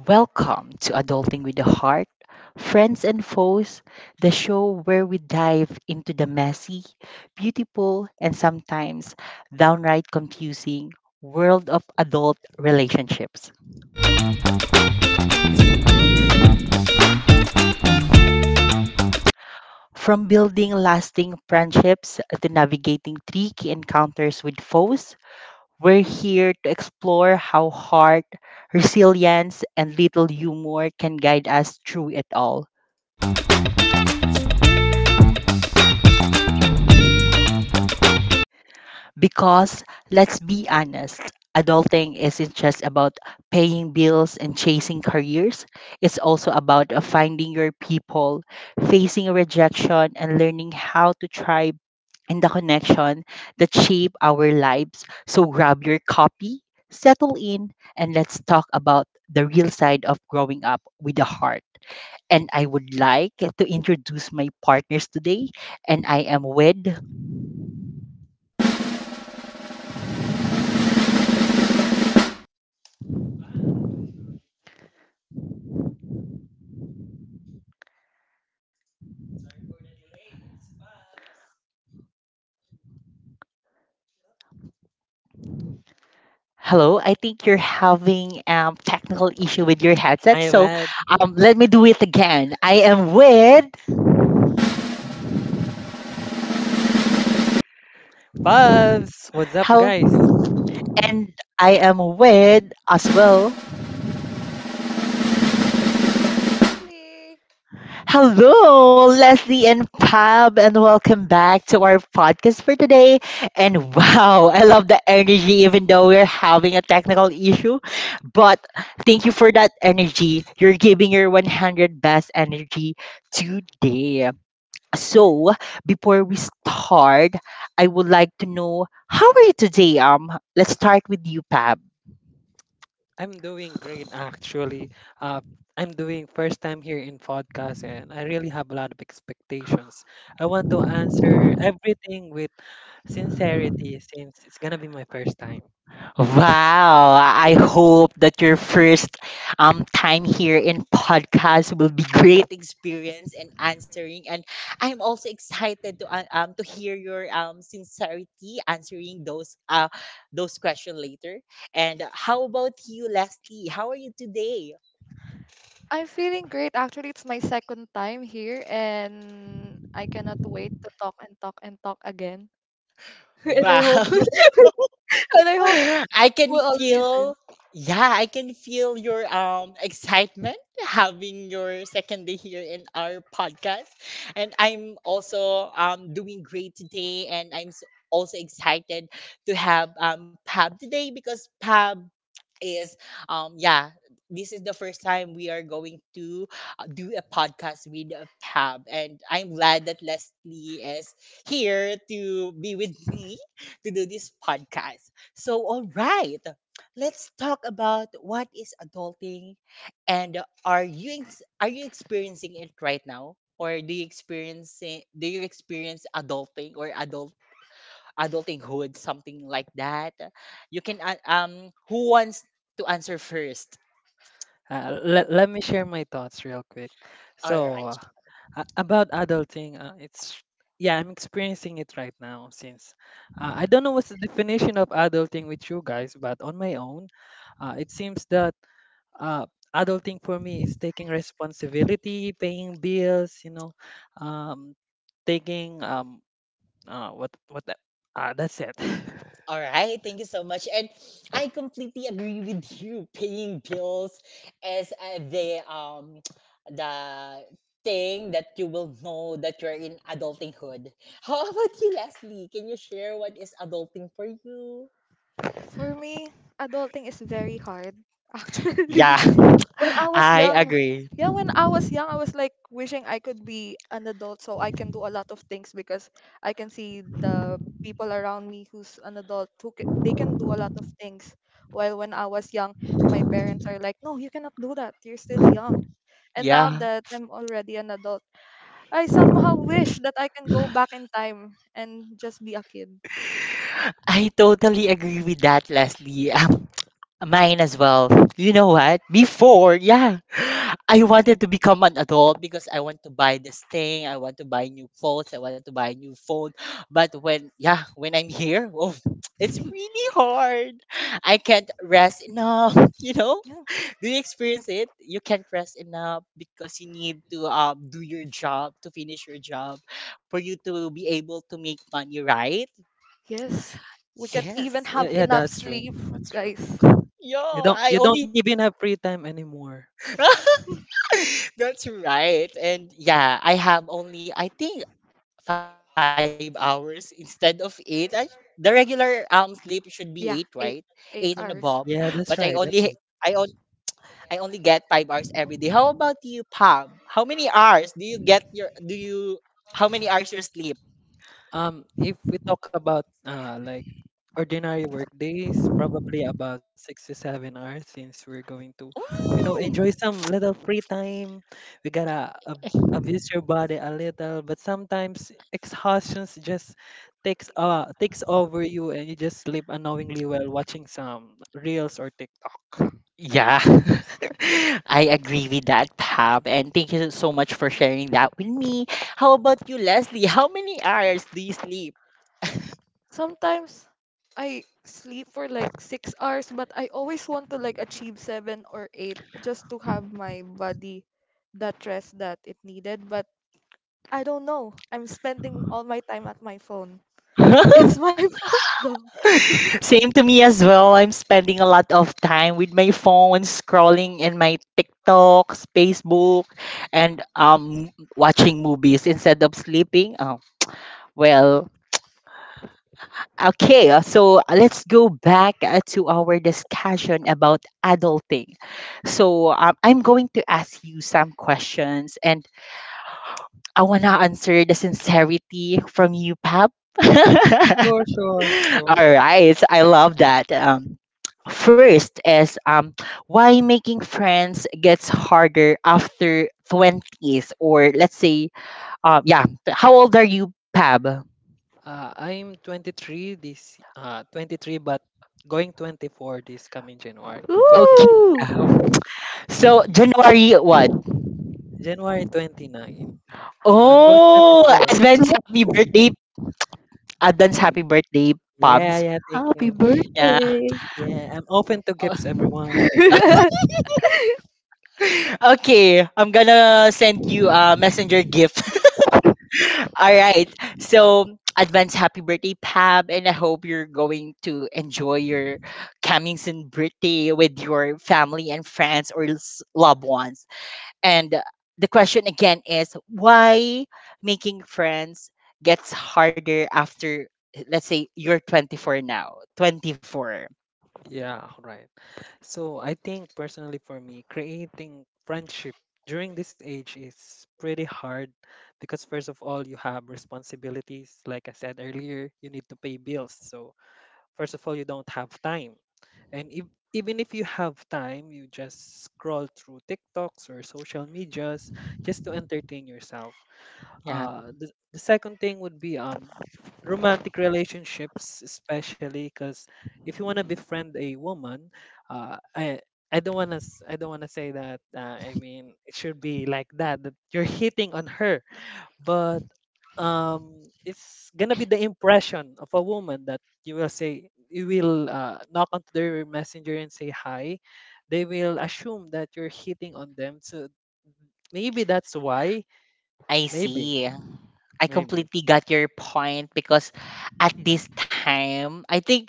Welcome to Adulting with a Heart, Friends and Foes, the show where we dive into the messy, beautiful, and sometimes downright confusing world of adult relationships. From building lasting friendships to navigating tricky encounters with foes, we're here to explore how heart, resilience, and little humor can guide us through it all. Because let's be honest, adulting isn't just about paying bills and chasing careers. It's also about finding your people, facing rejection, and learning how to thrive in the connection that shape our lives. So grab your copy, settle in, and let's talk about the real side of growing up with a heart. And I would like to introduce my partners today, and I am with. Hello, I think you're having Oh, technical issue with your headset. my So bad. Let me do it again. I am with Pubs, what's up, hello guys? and I am with as well. Leslie. Hello, Leslie and Pab, and welcome back to our podcast for today. And wow, I love the energy, even though we're having a technical issue. But thank you for that energy. You're giving your 100 best energy today. So, before we start, I would like to know how are you today? Let's start with you, Pab. I'm doing great, actually. Uh, I'm doing first time here in podcast, and I really have a lot of expectations. I want to answer everything with sincerity, since it's gonna be my first time. Wow, I hope that your first time here in podcast will be great experience and answering. And I'm also excited to hear your sincerity answering those questions later. And how about you, Leslie? How are you today? I'm feeling great. Actually, it's my second time here, and I cannot wait to talk and talk and talk again. and I Wow. hope, and I hope I can we'll all listen. feel yeah, I can feel your excitement having your second day here in our podcast. And I'm also doing great today and also excited to have Pab today because Pab is um yeah this is the first time we are going to do a podcast with Pab, and I'm glad that Leslie is here to be with me to do this podcast. So all right, let's talk about what is adulting, and are you experiencing it right now, or do you experience adulting or adultinghood, something like that. You can an- um who wants to answer first? Let me share my thoughts real quick. All So, right. About adulting, it's yeah, I'm experiencing it right now since I don't know what's the definition of adulting with you guys, but on my own, it seems that uh, adulting for me is taking responsibility, paying bills, um, taking uh, what what the, that's it. All right, thank you so much. And I completely agree with you. Paying bills is the the thing that you will know that you're in adultinghood. How about you, Leslie? Can you share what is adulting for you? For me, adulting is very hard, actually. Yeah, When I was I young, agree. Yeah, when I was young, I was like wishing I could be an adult so I can do a lot of things because I can see the people around me who's an adult they can do a lot of things. While when I was young, my parents are like, "No, you cannot do that. You're still young." And now Yeah, that I'm already an adult, I somehow wish that I can go back in time and just be a kid. I totally agree with that, Leslie. Mine as well. You know what? Before, yeah, I wanted to become an adult because I want to buy this thing. I want to buy new clothes. I want to buy a new phone. But when, yeah, when I'm here, oh, it's really hard. I can't rest enough. You know? Yeah. Do you experience it? You can't rest enough because you need to do your job to finish your job for you to be able to make money, right? Yes. We can't even Yes. Yeah, have yeah, enough that's true. sleep, That's true. guys. Yo, You don't I you don't only even have free time anymore. that's right. And yeah, I have only I think 5 hours instead of eight. The regular sleep should be eight, right? Yeah, Eight eight and above. eight hours. But Yeah, that's right. I That's— on, I only get 5 hours every day. How about you, Pam? How many hours do you get your do you How many hours you sleep? If we talk about like ordinary work days, probably about 6 to 7 hours since we're going to, you Mm. know, enjoy some little free time. We gotta abuse your body a little, but sometimes exhaustion just takes takes over you and you just sleep unknowingly while watching some reels or TikTok. Yeah, I agree with that, Pam. And thank you so much for sharing that with me. How about you, Leslie? How many hours do you sleep? Sometimes I sleep for like 6 hours, but I always want to like achieve seven or eight just to have my body, that rest that it needed. But I don't know. I'm spending all my time at my phone. It's my fault though. Same to me as well. I'm spending a lot of time with my phone, scrolling in my TikToks, Facebook, and watching movies instead of sleeping. Oh, well, okay. So let's go back to our discussion about adulting. So I'm going to ask you some questions, and I wanna answer the sincerity from you, Pap. All Sure, sure, sure. right, I love that. First is why making friends gets harder after twenties, or let's say, um, yeah, how old are you, Pab? I'm 23 this 23, but going 24 this coming January Okay, 29. Ooh, yeah. So January what? January 29. So I'm going Oh, 24. it's advance close. happy birthday, advance happy birthday, Yeah, Pabs. yeah, thank you. Happy Yeah. birthday. Yeah, I'm open to gifts, everyone. Okay, I'm gonna send you a messenger gift. All right. So, advance happy birthday, Pam, and I hope you're going to enjoy your coming soon birthday with your family and friends or loved ones. And the question again is why making friends gets harder after let's say you're 24 now. 24. Yeah, right. So I think personally for me, creating friendship during this age is pretty hard because first of all, you have responsibilities. Like I said earlier, you need to pay bills. So first of all, you don't have time. And if, even if you have time, you just scroll through TikToks or social medias just to entertain yourself. Yeah, The second thing would be romantic relationships, especially because if you want to befriend a woman, uh, I I don't want to— I don't want to say that. I mean, it should be like that that you're hitting on her, but it's gonna be the impression of a woman that you will say you will knock onto their messenger and say hi. They will assume that you're hitting on them, so maybe that's why. I Maybe, see. I maybe. completely got your point because at this time, I think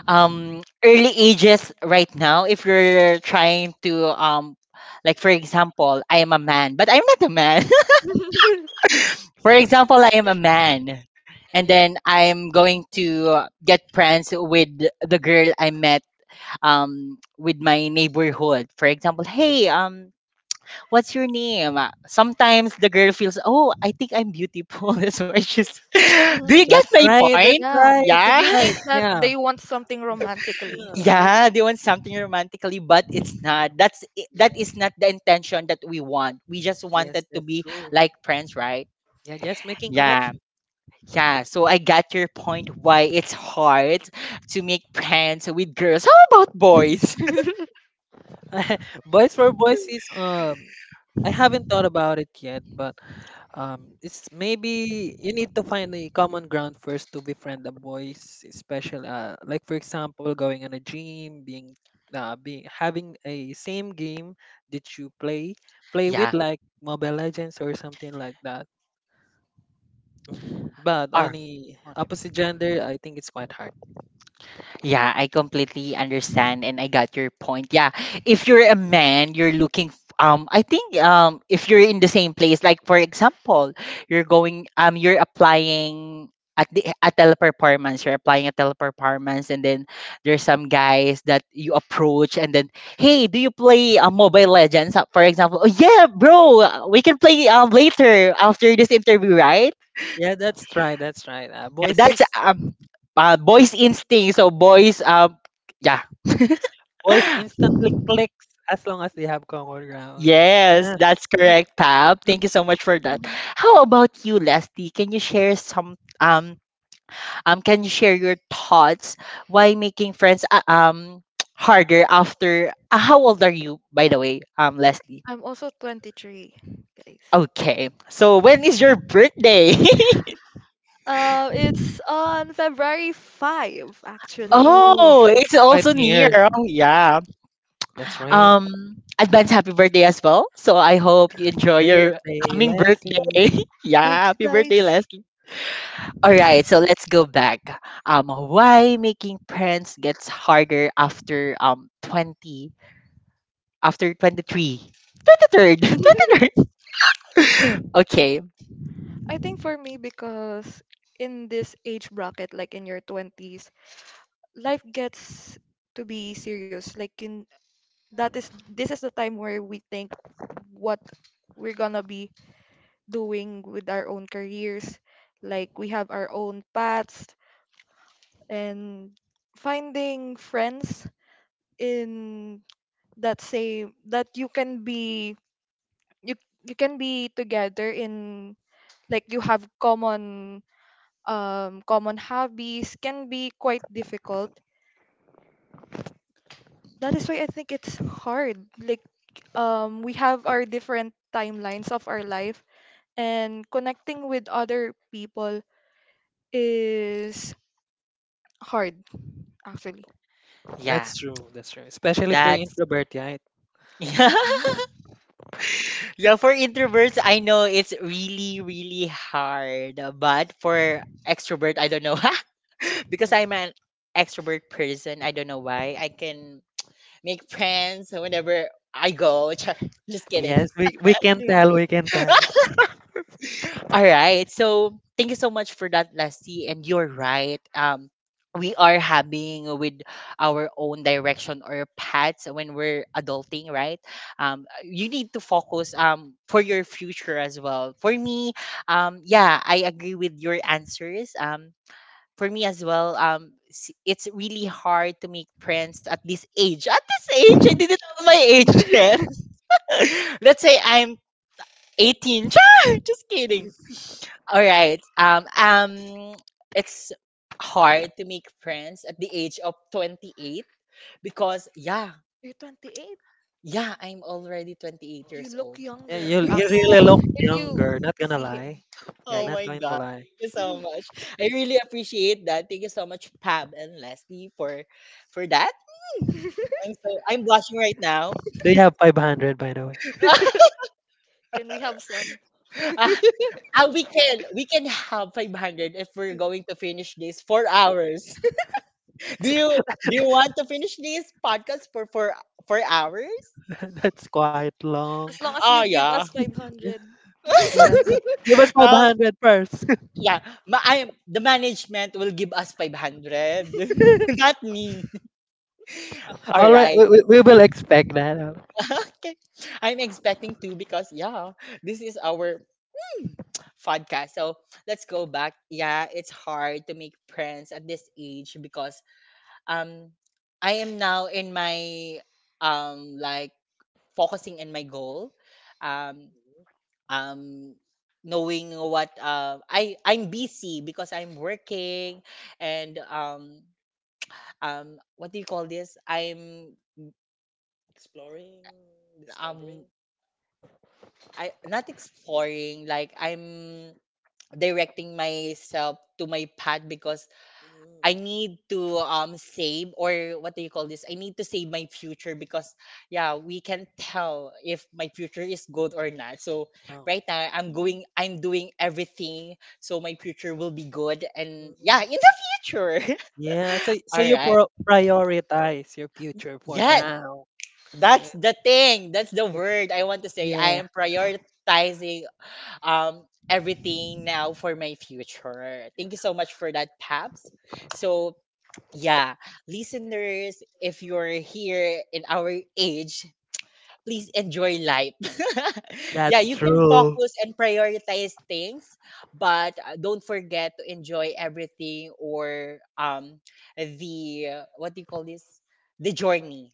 early ages right now, if you're trying to like for example, I am a man, but I'm not a man. For example, I am a man. And then I'm going to get friends with the girl I met with my neighborhood. For example, hey, what's your name? Sometimes the girl feels, oh, I think I'm beautiful. That's why she's. Do Mhm. you get That's my right. That's point? Yeah. right. Yeah. That's They right. think that Yeah. they want something romantically. Yeah. They want. Yeah, they want something romantically, but it's not. That Yes. is not the intention that we want. We just Yes. wanted to That's be true. like friends, right? Yeah. Just making Yeah, connection. yeah. So I got your point why it's hard to make friends with girls. How about boys? boys for boys is I haven't thought about it yet, but it's maybe you need to find a common ground first to befriend the boys, especially like for example, going on a gym, being having a same game that you play play with yeah. like Mobile Legends or something like that. But All on right. the opposite gender, I think it's quite hard. Yeah, I completely understand and I got your point. Yeah, if you're a man, I think if you're in the same place like for example, you're applying at the at teleperformance, you're applying at teleperformance, and then there's some guys that you approach and then hey, do you play Mobile Legends? For example? Oh yeah, bro, we can play later after this interview, right? Yeah, that's right. That's right. Yeah, that's boys instinct. So boys yeah Boys instantly clicks as long as they have common ground. yes, Yeah. that's Mm, correct, Pab. Thank mm, you so much for that. Mhm. How about you, Leslie? Can you share some can you share your thoughts why making friends harder after how old are you by the way, Leslie? I'm also 23, guys. Okay. So when is your birthday? It's on February 5, actually. Oh, it's it's quite also near. near. Yeah. Oh, yeah. That's right. Advance happy birthday as well. So I hope you enjoy your Birthday, coming Leslie. birthday. Yeah, Thank you, happy birthday, guys. Leslie. All right, so let's go back. Why making friends gets harder after twenty three, twenty third. Okay, I think for me, because in this age bracket, like in your 20s, life gets to be serious. Like, you that is this is the time where we think what we're gonna be doing with our own careers, like we have our own paths, and finding friends in that same that you can be, you you can be together in, like, you have common common hobbies can be quite difficult. That is why I think it's hard, like, we have our different timelines of our life, and connecting with other people is hard, actually. That's yeah, true. That's true. Especially if you're that's introvert, right? yeah. Yeah. Yeah, for introverts, I know it's really really hard, but for extrovert, I don't know. Because I'm an extrovert person, I don't know why I can make friends whenever I go. Just kidding. Yes, we can Yeah. tell. We can tell. All right. So thank you so much for that, Lassie. And you're right. We are having with our own direction or paths when we're adulting, right? You need to focus for your future as well. For me, yeah, I agree with your answers. For me as well, it's really hard to make friends at this age. At this age, I didn't tell my age yet. Let's say I'm 18. Just kidding. All right. It's hard to make friends at the age of 28 because yeah, You're 28. yeah, I'm already 28 You years look old. Yeah, you younger you really actually. look If you younger. if Not you gonna see him, lie. Yeah, Oh guys. not my going to god. lie. Thank you so much. I really appreciate that. Thank you so much, Pab and Leslie, for that. Mm, I'm blushing right now. Do you have 500 by the way? Can we have some? ah, we can have 500 if we're going to finish this 4 hours. Do you do you want to finish this podcast for for hours? That's quite long. As long as Oh you give yeah. us Yeah, 500. Mm. yeah. Give us Um 500 first. yeah. Ma- I am the management will give us 500. Mhm. Not me. All All right, right. we will expect that. Okay. I'm expecting to because yeah, this is our hmm, podcast. So let's go back. Yeah, it's hard to make friends at this age because um I am now in my um like focusing in my goal. Um um Knowing what I I'm busy because I'm working and what do you call this? Exploring, um discovering. I not exploring like I'm directing myself to my path because Mm. I need to save or what do you call this? I need to save my future because yeah, we can tell if my future is good or not. So Oh. right now I'm doing everything so my future will be good and Mm. yeah, in the future. Yeah, so so All you right. pro prioritize your future for Yeah, now. That's that's it. the thing. That's the word I want to say. Yeah, I am prioritizing um everything now for my future. Thank you so much for that, Tabs. So yeah, listeners, if you're here in our age, please enjoy life. Yeah, that's you can true. focus and prioritize things, but don't forget to enjoy everything or the what do you call this? The journey.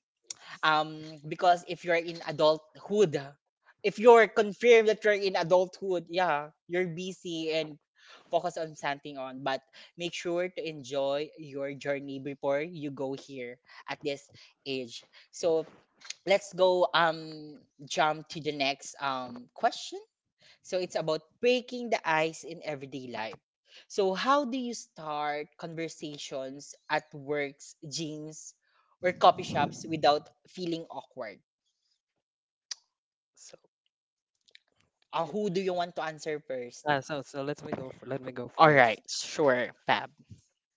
um because if you're in adulthood, if you're confirmed that you're in adulthood, yeah, you're busy and focus on something on, but make sure to enjoy your journey before you go here at this age. So let's go, jump to the next question. So it's about breaking the ice in everyday life. So how do you start conversations at works, gyms, or coffee shops without feeling awkward? so i- Who do you want to answer first? so let me let me go All first. right, sure, Fab.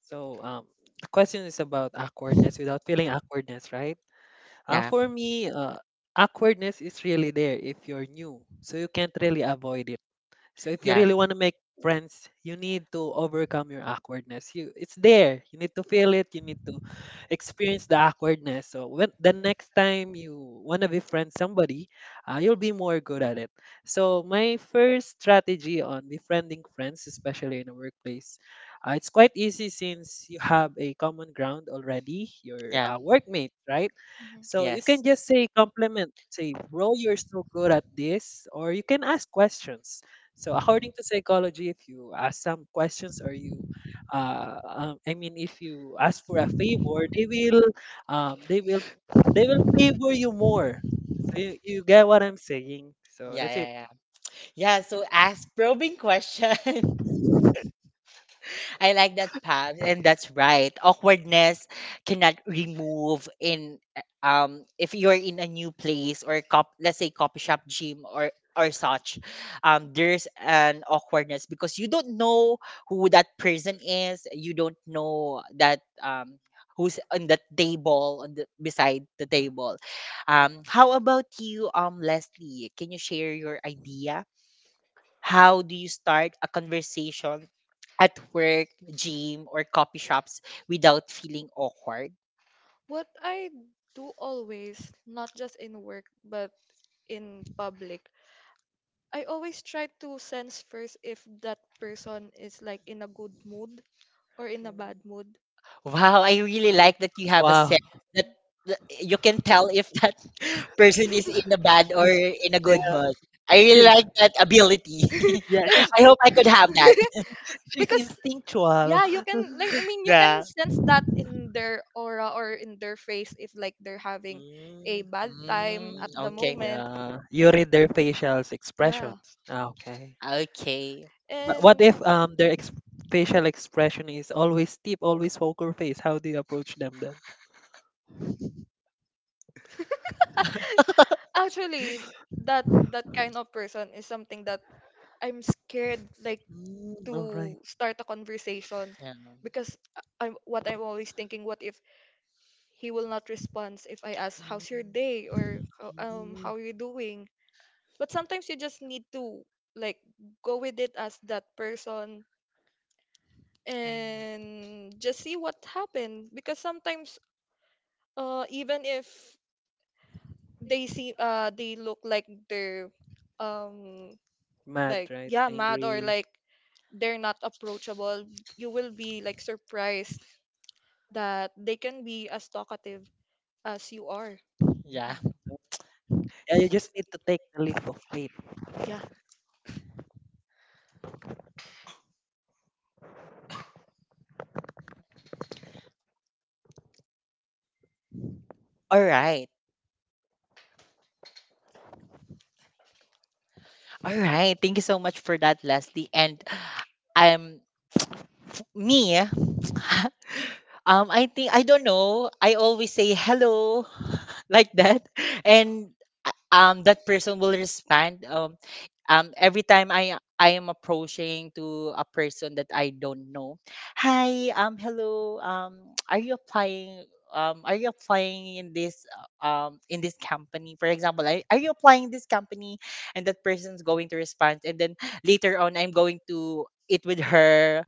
So the question is about awkwardness, without feeling awkwardness, right? Uh, Yeah, for me, uh, awkwardness is really there if you're new, so you can't really avoid it. So if you yeah, really want to make friends, you need to overcome your awkwardness. You— it's there. You need to feel it. You need to experience the awkwardness. So when the next time you want to befriend somebody, you'll be more good at it. So my first strategy on befriending friends, especially in a workplace, it's quite easy since you have a common ground already. Your yeah, workmate, right? So you can yes. just say compliment, say, "Bro, you're so good at this," or you can ask questions. So according to psychology, if you ask some questions or I mean, if you ask for a favor, um, they will, they will favor you more. So you get what I'm saying. So Yeah, that's yeah, it. yeah. Yeah, so ask probing questions. I like that path, and that's right. Awkwardness cannot remove in if you're in a new place, or cop let's say coffee shop, gym, or such, there's an awkwardness because you don't know who that person is. You don't know that, who's on the table on the beside the table. Mm. How about you, Leslie? Can you share your idea? How do you start a conversation at work, gym, or coffee shops without feeling awkward? What I do always, not just in work, but in public, I always try to sense first if that person is like in a good mood or in a Mm. bad mood. Wow, I really like that you have a Wow. set, that that you can tell if that person is in a bad or in a Yeah, good mood. I really she, like that ability. yeah, it's I b- hope I could have that. she's because instinctual. yeah, you can, like, I mean, you can Yeah. sense that in their aura or in their face if, like, they're having a Mm, bad time at Mm, the okay. mm, moment. yeah, you read their facial Yeah. expressions. Ah, okay. Okay. What And if their facial expression is always steep, always poker face? How do you approach them then? actually that kind of person is something that I'm scared, like, Mm, all right. to start a conversation, Yeah. because I'm what I'm always thinking, what if he will not respond if I ask, Mm, how's your day, or, mm, how are you doing," but sometimes you just need to, like, go with it as that person oh. and just see what happened, because sometimes even if they look like they're, um like, Mad, right? yeah, mad, or Angry. like they're not approachable, you will be, like, surprised that they can be as talkative as you are. Yeah. Mm. Yeah, you just need to take the leap of faith. Yeah. All right. All right. Thank you so much for that, Leslie. And I'm, me, I think I don't know. I always say hello like that, and that person will respond. Every time I am approaching to a person that I don't know, hi, hello, are you applying? Are you applying in this company? For example, are you applying in this company? And that person's going to respond, and then later on, I'm going to eat with her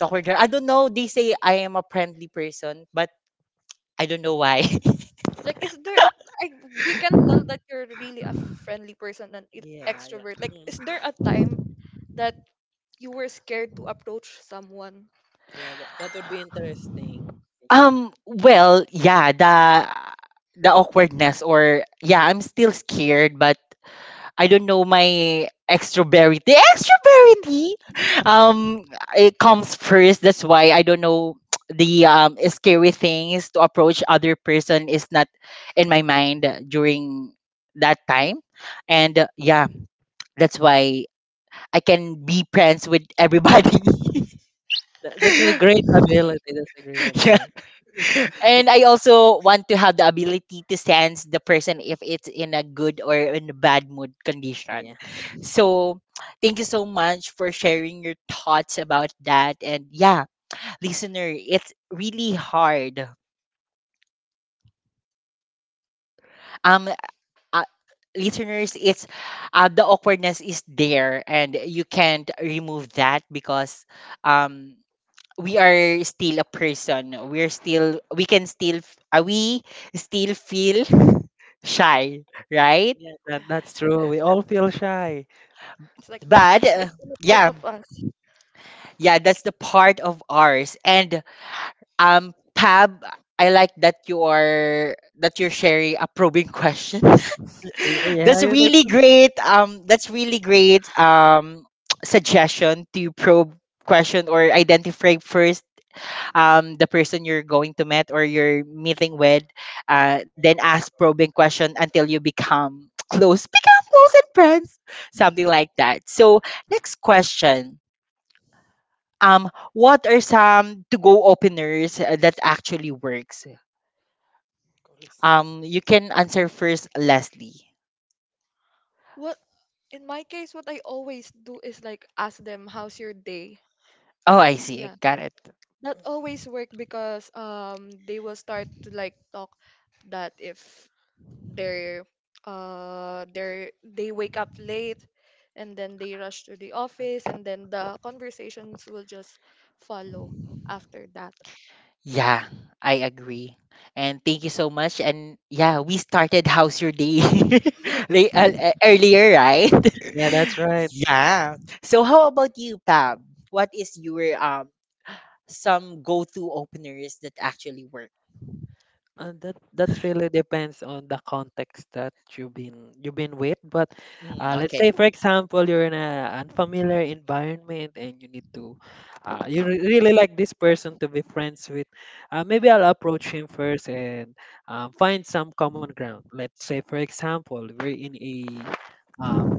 talker girl. I don't know. They say I am a friendly person, but I don't know why. Like, is there a, I, we can tell that you're really a friendly person, and Yeah, yeah. extrovert. Like, is Mm, there a time that you were scared to approach someone? yeah, that, that would be interesting. Yeah. Well, yeah. The awkwardness or yeah, I'm still scared, but I don't know my extroverity. Extroverity. Um, it comes first. That's why I don't know, the scary things to approach other person is not in my mind during that time, and yeah, that's why I can be friends with everybody. That, that's a great ability. That's a great Yeah. ability. And I also want to have the ability to sense the person if it's in a good or in a bad mood condition. Yeah. So thank you so much for sharing your thoughts about that. And yeah, listener, it's really hard. Um uh, Listeners, it's the awkwardness is there, and you can't remove that because um we are still a person. We're still we can still f- we still feel shy, right? Yeah, Okay. that, that's true. We all feel shy. It's like the, But it's in a part yeah, of us. yeah, that's the part of ours. And Pab, I like that you are that you're sharing a probing question. Y- Yeah, That's you need really to. great. That's really great. Suggestion to probe question or identify first, the person you're going to meet or you're meeting with, then ask probing question until you become close, become close and friends, something like that. So next question. What are some to-go openers that actually works? Coolest. You can answer first, Leslie. What, in my case, what I always do is, like, ask them, how's your day? Oh, I see. Yeah, Got it. that always work because they will start to like talk that, if they're they wake up late and then they rush to the office, and then the conversations will just follow after that. Yeah, I agree. And thank you so much. And yeah, we started How's Your Day late, earlier, right? Yeah, that's right. Yeah. So how about you, Pam? What is your some go-to openers that actually work? That that really depends on the context that you've been with. But Mm, let's okay. say, for example, you're in an unfamiliar environment and you need to, you really like this person to be friends with. Maybe I'll approach him first and find some common ground. Let's say, for example, we're um,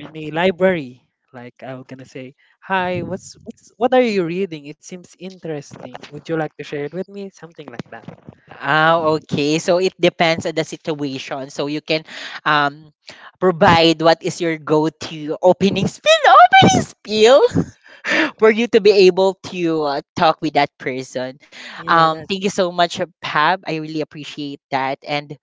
in a library. Like I was gonna say, hi, what are you reading? It seems interesting. Would you like to share it with me? Something like that. Ah, Mm. okay. So it depends on the situation. So you can um provide what is your go-to opening spiel, opening spiel, for you to be able to talk with that person. Yeah, that's— Thank you so much, Pab. I really appreciate that. And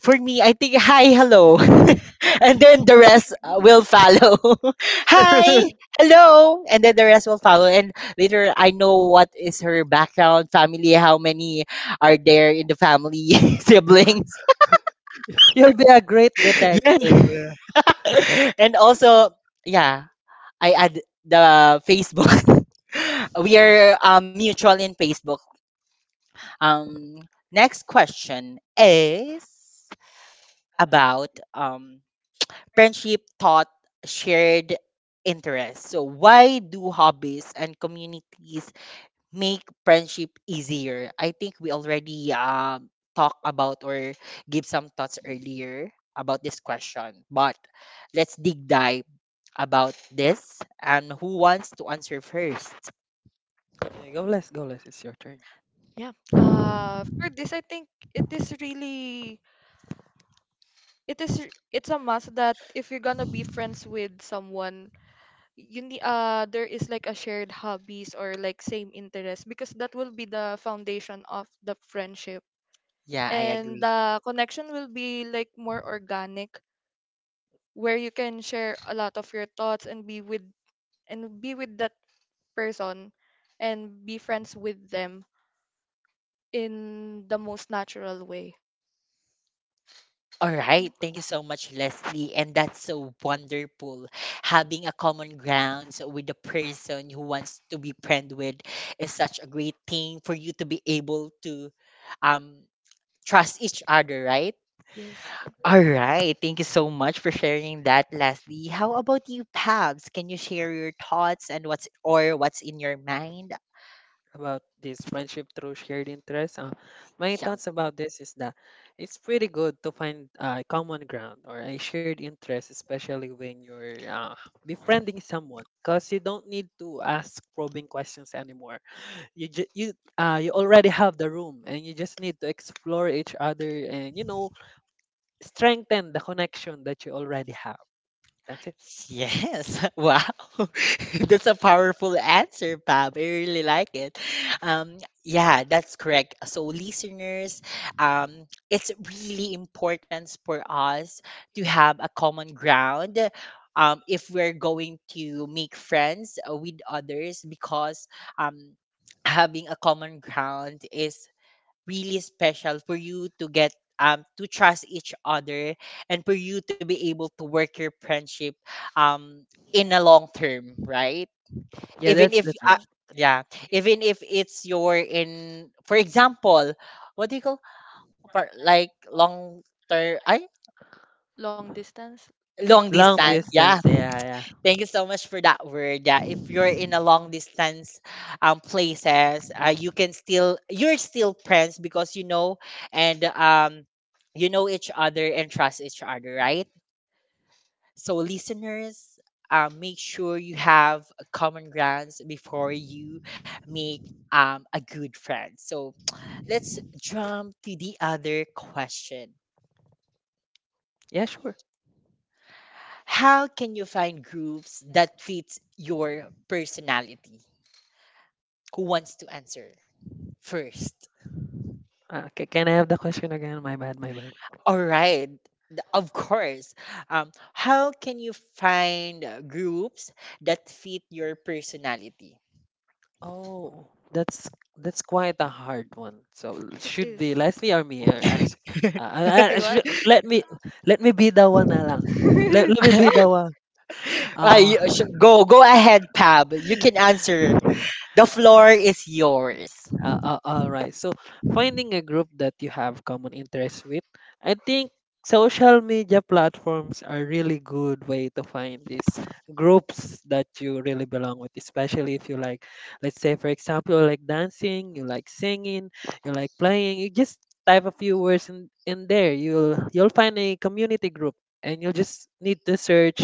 for me, I think hi, hello, and then the rest will follow. Hi, hello, and then the rest will follow. And later, I know what is her background, family, how many are there in the family, siblings, you'll be a great detective. Yeah. Yeah. And also, yeah, I add the Facebook. We are mutual in Facebook. Um, Next question is about friendship taught shared interests. So, why do hobbies and communities make friendship easier? I think we already talked about or give some thoughts earlier about this question, but let's dig dive about this. And who wants to answer first? Okay, go less, go less. It's your turn. Yeah, for this I think it is really it is r- it's a must that if you're gonna be friends with someone, you need, there is like a shared hobbies or like same interest, because that will be the foundation of the friendship, Yeah, I and agree. the connection will be like more organic, where you can share a lot of your thoughts and be with, that person, and be friends with them in the most natural way. All Yeah. right, thank you so much, Leslie. And that's so wonderful. Having a common grounds with the person who wants to be friend with is such a great thing for you to be able to um, trust each other, right? Yes. All right, thank you so much for sharing that, Leslie. How about you, Pabs? Can you share your thoughts and what's or what's in your mind? About this friendship through shared interests. My Yeah. thoughts about this is that it's pretty good to find a common ground or a shared interest, especially when you're befriending someone, because you don't need to ask probing questions anymore. You you already have the room, and you just need to explore each other and you know strengthen the connection that you already have. That's it. Yes. Wow. That's a powerful answer, Pam. I really like it. Um, yeah, that's correct. So, listeners, it's really important for us to have a common ground, if we're going to make friends with others because, um, having a common ground is really special for you to get, to trust each other, and for you to be able to work your friendship um in a long term, right? Yeah, Even that's if the term. Yes, that's yeah, even if it's your in, for example, what do you call, like long term, I long distance long Long distance. distance distance, Yeah. yeah, yeah. Thank you so much for that word. Yeah, if you're in a long distance places, you can still you're still friends because you know, and you know each other and trust each other, right? So listeners, make sure you have a common grounds before you make a good friend. So let's jump to the other question. Yeah, sure. How can you find groups that fits your personality? Who wants to answer first? Can I have the question again? My bad, my bad. All right. Of course. How can you find groups that fit your personality? Oh, that's— that's quite a hard one. It Should is. be Leslie or me? Or I, sh- Do you I want? should, let me be the one na lang. Let me be the one. Uh, You, go ahead, Pab. You can answer. The floor is yours. All right. So finding a group that you have common interests with, I think social media platforms are really good way to find these groups that you really belong with, especially if you like, let's say for example, you like dancing, you like singing, you like playing. You just type a few words in there. You'll find a community group, and you'll just need to search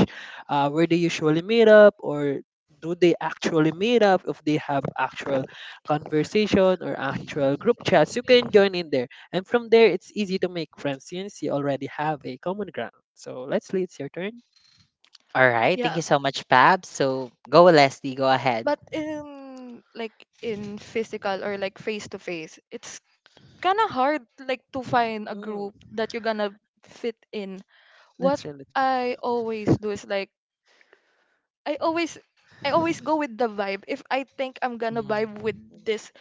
where they usually meet up or do they actually meet up. If they have actual conversation or actual group chats, you can join in there. And from there, it's easy to make friends since you already have a common ground. So, Leslie, it's your turn. All right. Thank Yeah, you so much, Pab. So go, Leslie. Go ahead. but in, like, in physical or like face to face, it's kind of hard, like, to find a Mm, group that you're gonna fit in. What that's really true. I always do is, like, i always I always go with the vibe. If I think I'm gonna vibe Mm. with this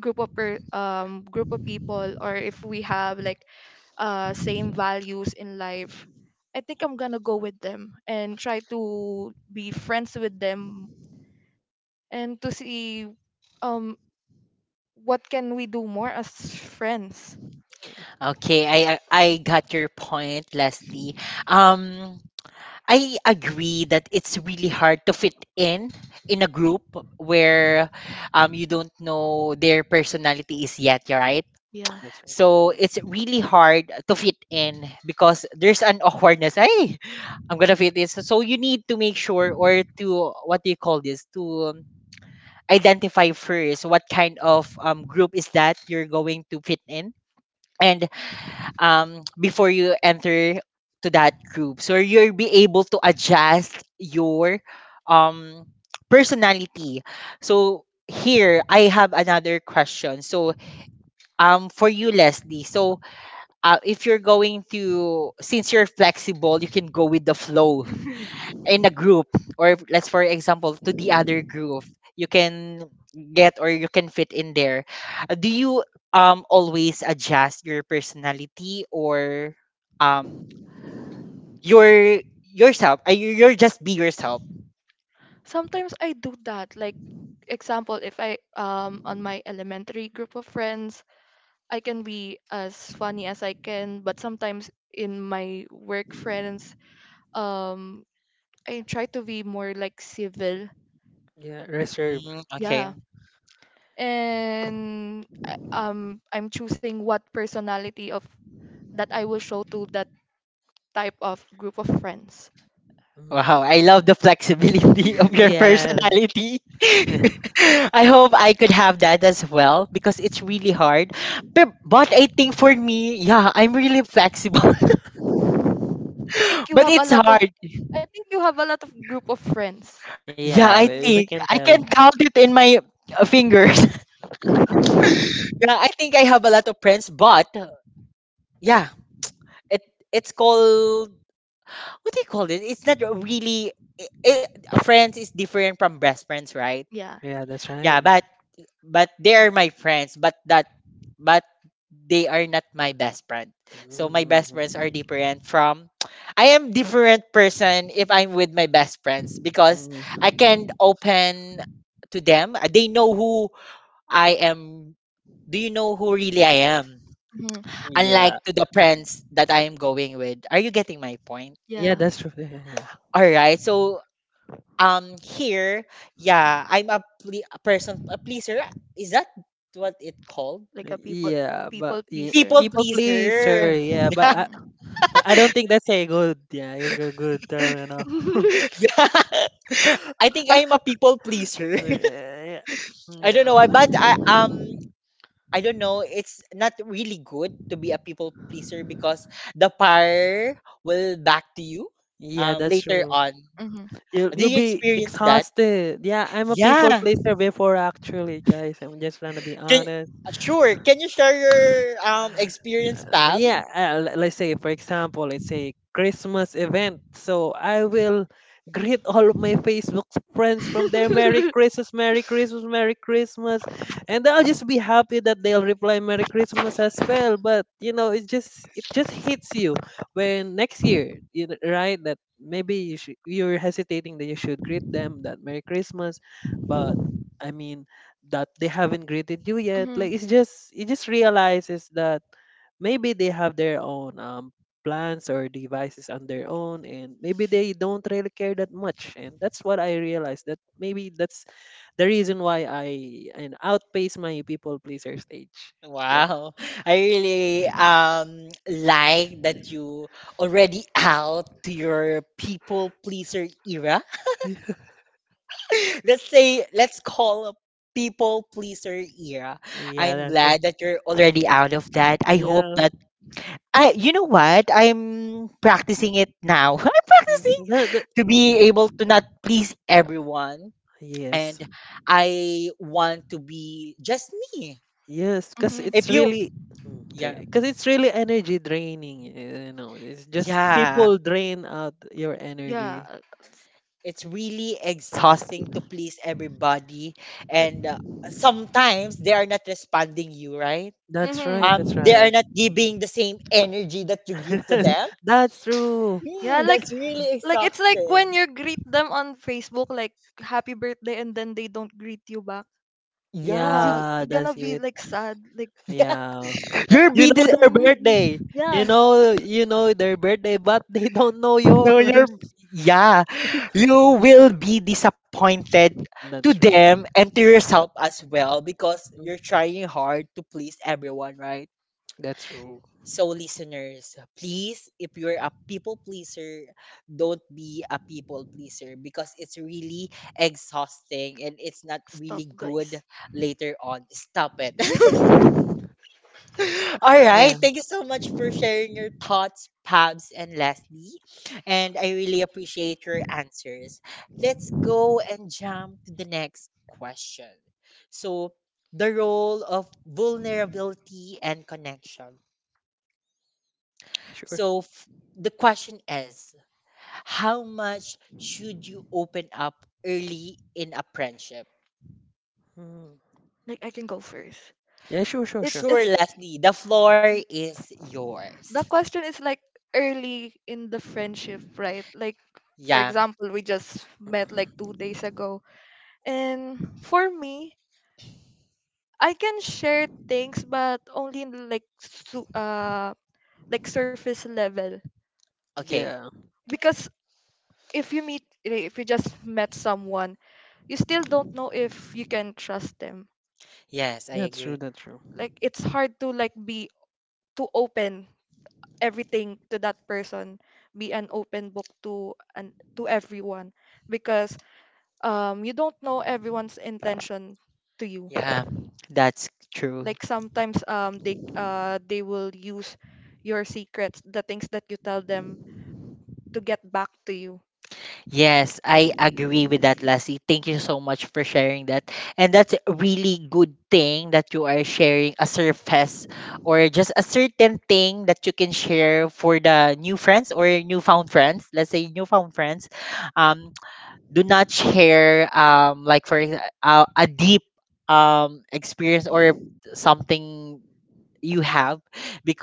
group of people, or if we have like same values in life, I think I'm gonna go with them and try to be friends with them, and to see um what can we do more as friends. Okay, I got your point, Leslie. Um, I agree that it's really hard to fit in a group where, you don't know their personality is yet, right? That's right. So Yeah. it's really hard to fit in because there's an awkwardness. Hey, I'm gonna fit in. So you need to make sure, or to, what do you call this, to identify first what kind of group is that you're going to fit in. And before you enter to that group, so you'll be able to adjust your um personality. So here I have another question. So for you, Leslie, so if you're going to, since you're flexible, you can go with the flow in a group, or let's for example to the other group, you can get or you can fit in there. Do you always adjust your personality, or um your yourself, you're just be yourself? Sometimes I do that. Like, example, if I, on my elementary group of friends, I can be as funny as I can, but sometimes in my work friends, um I try to be more like civil. Yeah, reserved. Mm, okay. Yeah. And I'm choosing what personality of that I will show to that type of group of friends. Wow, I Mm. love the flexibility of your Yeah. personality. I hope I could have that as well because it's really hard, but I think for me, yeah, I'm really flexible. I think you But have a it's lot of hard. I think you have a lot of group of friends. Yeah, yeah, I we think Mm. can I tell. can Mm. count it in my fingers. Yeah, I think I have a lot of friends, but yeah, it it's called, what do you call it? It's not really, I friends is different from best friends, right? Yeah. Yeah, that's right. Yeah, but they are my friends, but they are not my best friend. So my best friends are Mm. different from, I am different person if I'm with my best friends because Mm, I can open to them. They know who I am. Do you know who really I am? Mhm. yeah, Unlike to the friends that I am going with. Are you getting my point? yeah, Yeah. that's true. Yeah, yeah, yeah. All right. So here, yeah, I'm a, a person a pleaser. Is that what it called? Like a people Yeah, but people yeah, pleaser. People people Mm-hmm. pleaser. pleaser. Yeah. But I don't think that's a good— yeah, you a good term, you know. Hmm. Yeah. I think I'm a people pleaser. Yeah. I don't Yeah. know why, but I don't know. It's not really good to be a people pleaser because the power will back to you Yeah, that's later true. on. You'll Do you'll you be experience that? exhausted. Yeah, I'm a people Yeah. pleaser before actually, guys. I'm just trying to be Can, honest. Sure. Can you share your experience, Pam? Let's say for example, let's say Christmas event. So I will greet all of my Facebook friends from their Merry Christmas, Merry Christmas, Merry Christmas, and I'll just be happy that they'll reply Merry Christmas as well. But you know, it just— it just hits you when next year, you know, right? That maybe you should— you're hesitating that you should greet them that Merry Christmas, but I mean that they haven't greeted you yet. Hmm. Like it's just— it just realizes that maybe they have their own plans or devices on their own and maybe they don't really care that much, and that's what I realized. That maybe that's the reason why I and outpace my people pleaser stage. Yeah. Wow. I really like that you already out to your people pleaser era. Let's say, let's call a people pleaser era. Yeah, I'm that's right. glad that you're already out of that. I hope Yeah. that I you know what? I'm practicing it now. I'm practicing Mm, to be able to not please everyone, and yes. I want to be just me. Yes, because If it's you, really— Yeah, energy draining, you know, it's just yeah, people drain out your Yeah. energy. it's really exhausting to please everybody, that and sometimes they are not responding you, right? That's They Mm-hmm. are right. not giving the same energy that you give to them. That's true. Yeah, Hmm, like, that's really it's like when exhausting. you greet them on Facebook like happy birthday and then they don't greet you back. Yeah. You Yeah, you're gonna that's be it. like sad, like, Yeah. Yeah. You're you know busy. their mm, birthday. You yeah. know you know their birthday, but they don't know No, you're yours. yeah. You will be disappointed to That's true. them and to yourself as well because Mm, you're trying hard to please everyone, right? that's true. So listeners, please if you're a people pleaser, don't be a people pleaser because it's really exhausting and it's not Stop, really guys. good later on. Stop it. All right. Yeah, Thank you so much for sharing your thoughts, Pabs and Leslie. And I really appreciate your answers. Let's go and jump to the next question. So, the role of vulnerability and connection. sure. So, f- the question is, how much should you open up early in a friendship? Mm. Like, I can go first. Yeah, sure, sure, It sure. it's Sure, Leslie, the floor is yours. The question is, like, early in the friendship, right? Like, for Yeah, example, we just met like Mm. 2 days ago. And for me, I can share things, but only in, like, like, surface level. okay. Yeah, Because if you just met someone, you still don't know if you can trust them. Yes, I that's true, agree. that's true. Like, it's hard to, like, be to open everything to that person, be an open book to, and to everyone, because you don't know everyone's intention to you. Yeah, that's true. Like, sometimes they will use your secrets, the things that you tell them, to get back to you. Yes, I Mm, agree with that, Lassie. Thank you so much for sharing that. And that's a really good thing that you are sharing a surface or just a certain thing that you can share for the new friends or newfound friends. Let's say newfound friends. Um, do not share like a deep experience or something you have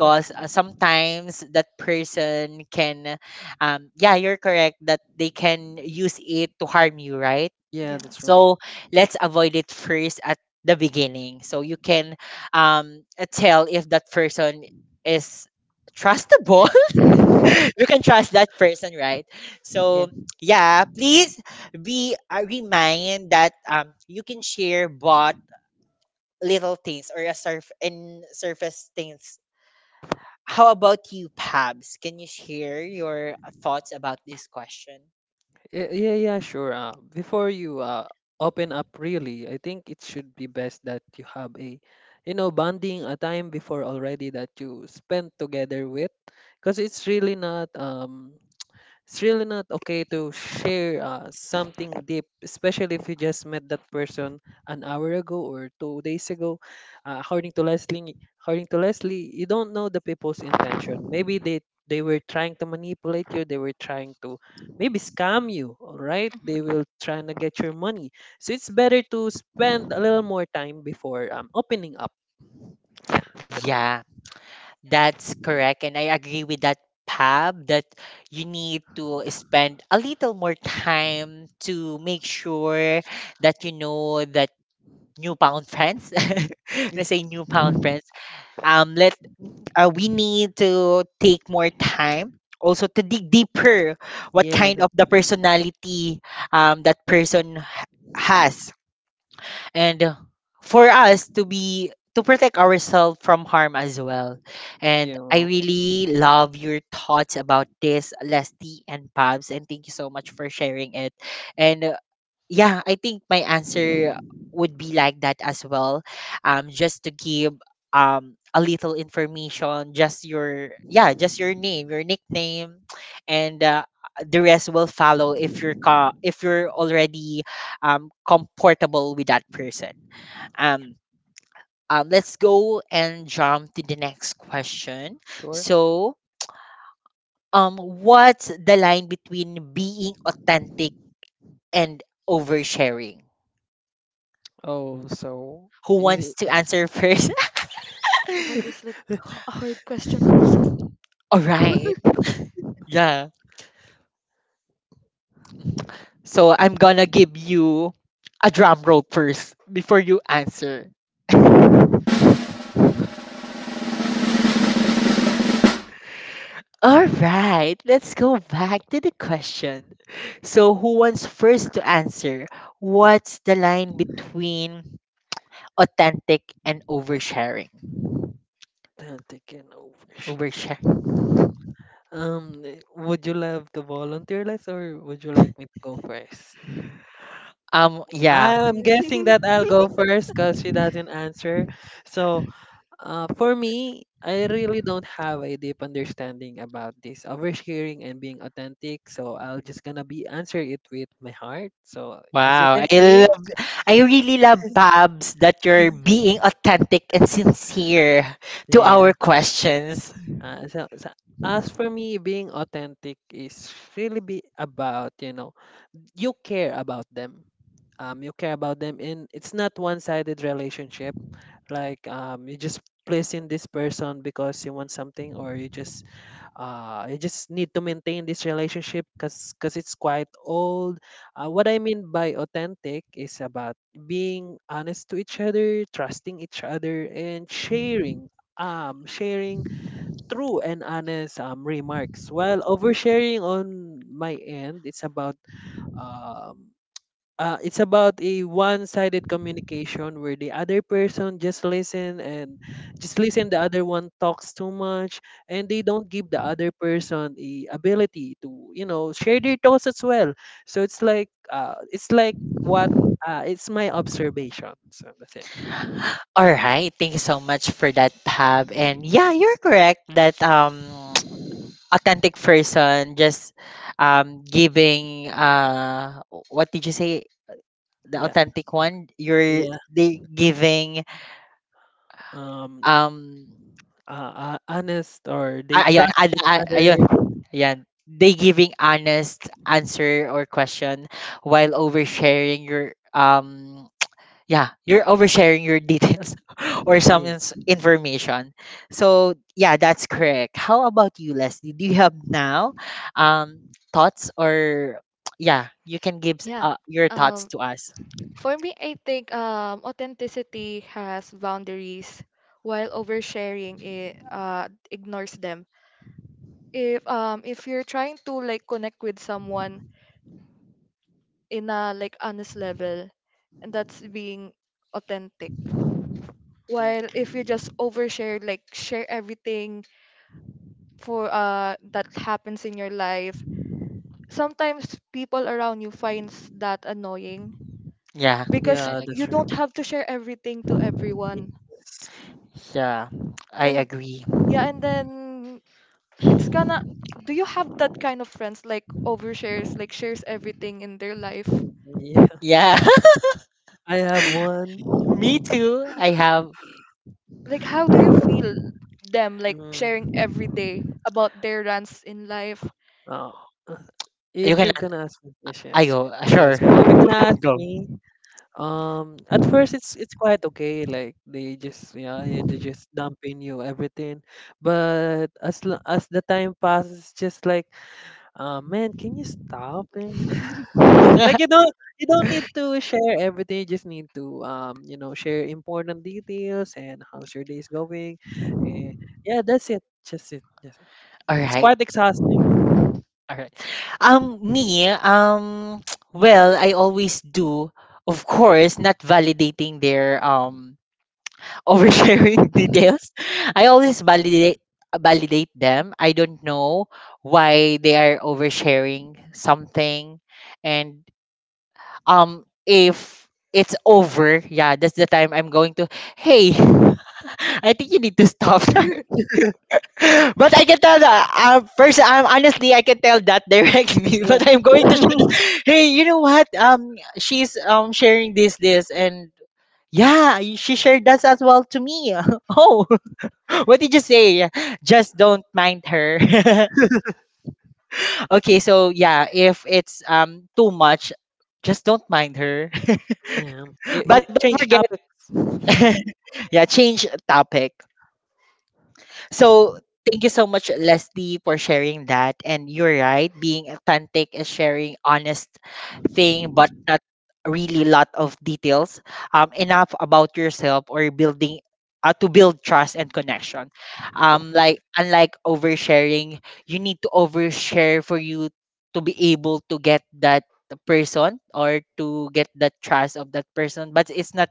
mm. Sometimes that person can, yeah, you're correct that they can use it to harm you, right? Yeah, that's Yes. true. So let's avoid it first at the beginning so you can tell if that person is trustable. You can trust that person, right? Yeah. So yeah, please be, remind that you can share but little things or a surf and surface things. How about you, Pabs? Can you share your thoughts about this question? Yeah, yeah, yeah, sure. Before you open up, really, I think it should be best that you have a, bonding a time before already that you spent together with, because it's really not okay to share something deep, especially if you just met that person an hour ago or 2 days ago. Uh, according to Leslie, According to Leslie, you don't know the people's intention. Maybe they were trying to manipulate you. They were trying to maybe scam you. All right, Mhm. they will trying to get your money. So it's better to spend a little more time before opening up. Yeah, that's it. Yeah, that's correct. And I agree with that, Pab, that you need to spend a little more time to make sure that you know that newfound friends, Yeah, let's say newfound friends, let we need to take more time also to dig deeper what yeah, kind that, of the personality, that person has. And for us to be to protect ourselves from harm as well. And I yeah, really love your thoughts about this, Leslie and Pabs, and thank you so much for sharing it. And yeah, I think my answer would be like that as well. Just to give a little information, just your, yeah, just your name, your nickname, and the rest will follow if you're already comfortable with that person. Um, let's go and jump to the next question. sure. So, what's the line between being authentic and oversharing? Oh, so Who is wants it? to answer first? That is like a hard question also. All right. Yeah. So I'm gonna give you a drum roll first before you answer. All right. Let's go back to the question. So who wants first to answer? What's the line between authentic and oversharing? Taken over. Overshare. Would you love to volunteer less or would you like me to go first? Yeah. I'm Ayun. guessing that I'll go first because she doesn't answer. So, for me, I really don't have a deep understanding about this oversharing and being authentic. So I'll just gonna be answer it with my heart. So as you Wow. can I see, love. I really love Babs that you're being authentic and sincere to yeah. our questions. Uh, so, so as for me, being authentic is really be about you care about them, and it's not one-sided relationship, like you just pleasing this person because you want something, or you just need to maintain this relationship because it's quite old. What I mean by authentic is about being honest to each other, trusting each other, and sharing um sharing true and honest remarks, while oversharing, on my end, it's about um it's about a one-sided communication where the other person just listen and just listen, the other one talks too much, and they don't give the other person the ability to, share their thoughts as well. So it's like what it's my observation. So that's it. All right, thank you so much for that, Pab. And yeah, you're correct that authentic person just giving, what did you say, the Yeah, authentic one, you're yeah, they giving, um um honest, or they trust each ayun, other. ayan, they giving honest answer or question, while oversharing your, yeah, you're oversharing your details or Yeah, someone's information. So yeah, that's correct. How about you, Leslie? Do you have now um thoughts? Or yeah, you can give, Yeah. Your thoughts Um, to us. for me, I think, authenticity has boundaries, while oversharing it ignores them. If you're trying to like connect with someone in a like honest level, and that's being authentic. While if you just overshare, like, share everything for that happens in your life, sometimes people around you finds that annoying, Yeah, because I yeah, you that's right. agree. don't have to share everything to everyone. Yeah, I And agree. yeah, and then it's gonna do you have that kind of friends like overshares, like shares everything in their life? Yeah. Yeah, I have one. me too. I have. Like, how do you feel them like sharing Mm, every day about their runs in life? uh, uh, You if can. you're gonna ask me, yes, I yes, go. Sure, yes, yeah. If you're gonna ask go. me, at first it's quite okay. Like they just, yeah, yeah, they just dumping you everything. But as the time passes, it's just like, man, can you stop? Like you don't need to share everything. You just need to, share important details and how's your day is going. And yeah, that's it. Just it. Just it. All It's right. quite exhausting. All right. Me, well, I always do, of course, not validating their oversharing details. I always validate them. I don't know why they are oversharing something, and if it's over, yeah, that's the time I'm going to. Hey, I think you need to stop. But I can tell that first, honestly, I can tell that directly, but I'm going to show this. Hey, you know what? She's sharing this and yeah, she shared that as well to me. Oh, what did you say? Just don't mind her. Okay, so yeah, if it's too much, just don't mind her. Yeah, it, But it don't change forget, topics. yeah, change topic. So thank you so much, Leslie, for sharing that. And you're right, being authentic is sharing honest thing, but not really lot of details. Enough about yourself or building, to build trust and connection. Like unlike oversharing, you need to overshare for you to be able to get that person or to get the trust of that person. But it's not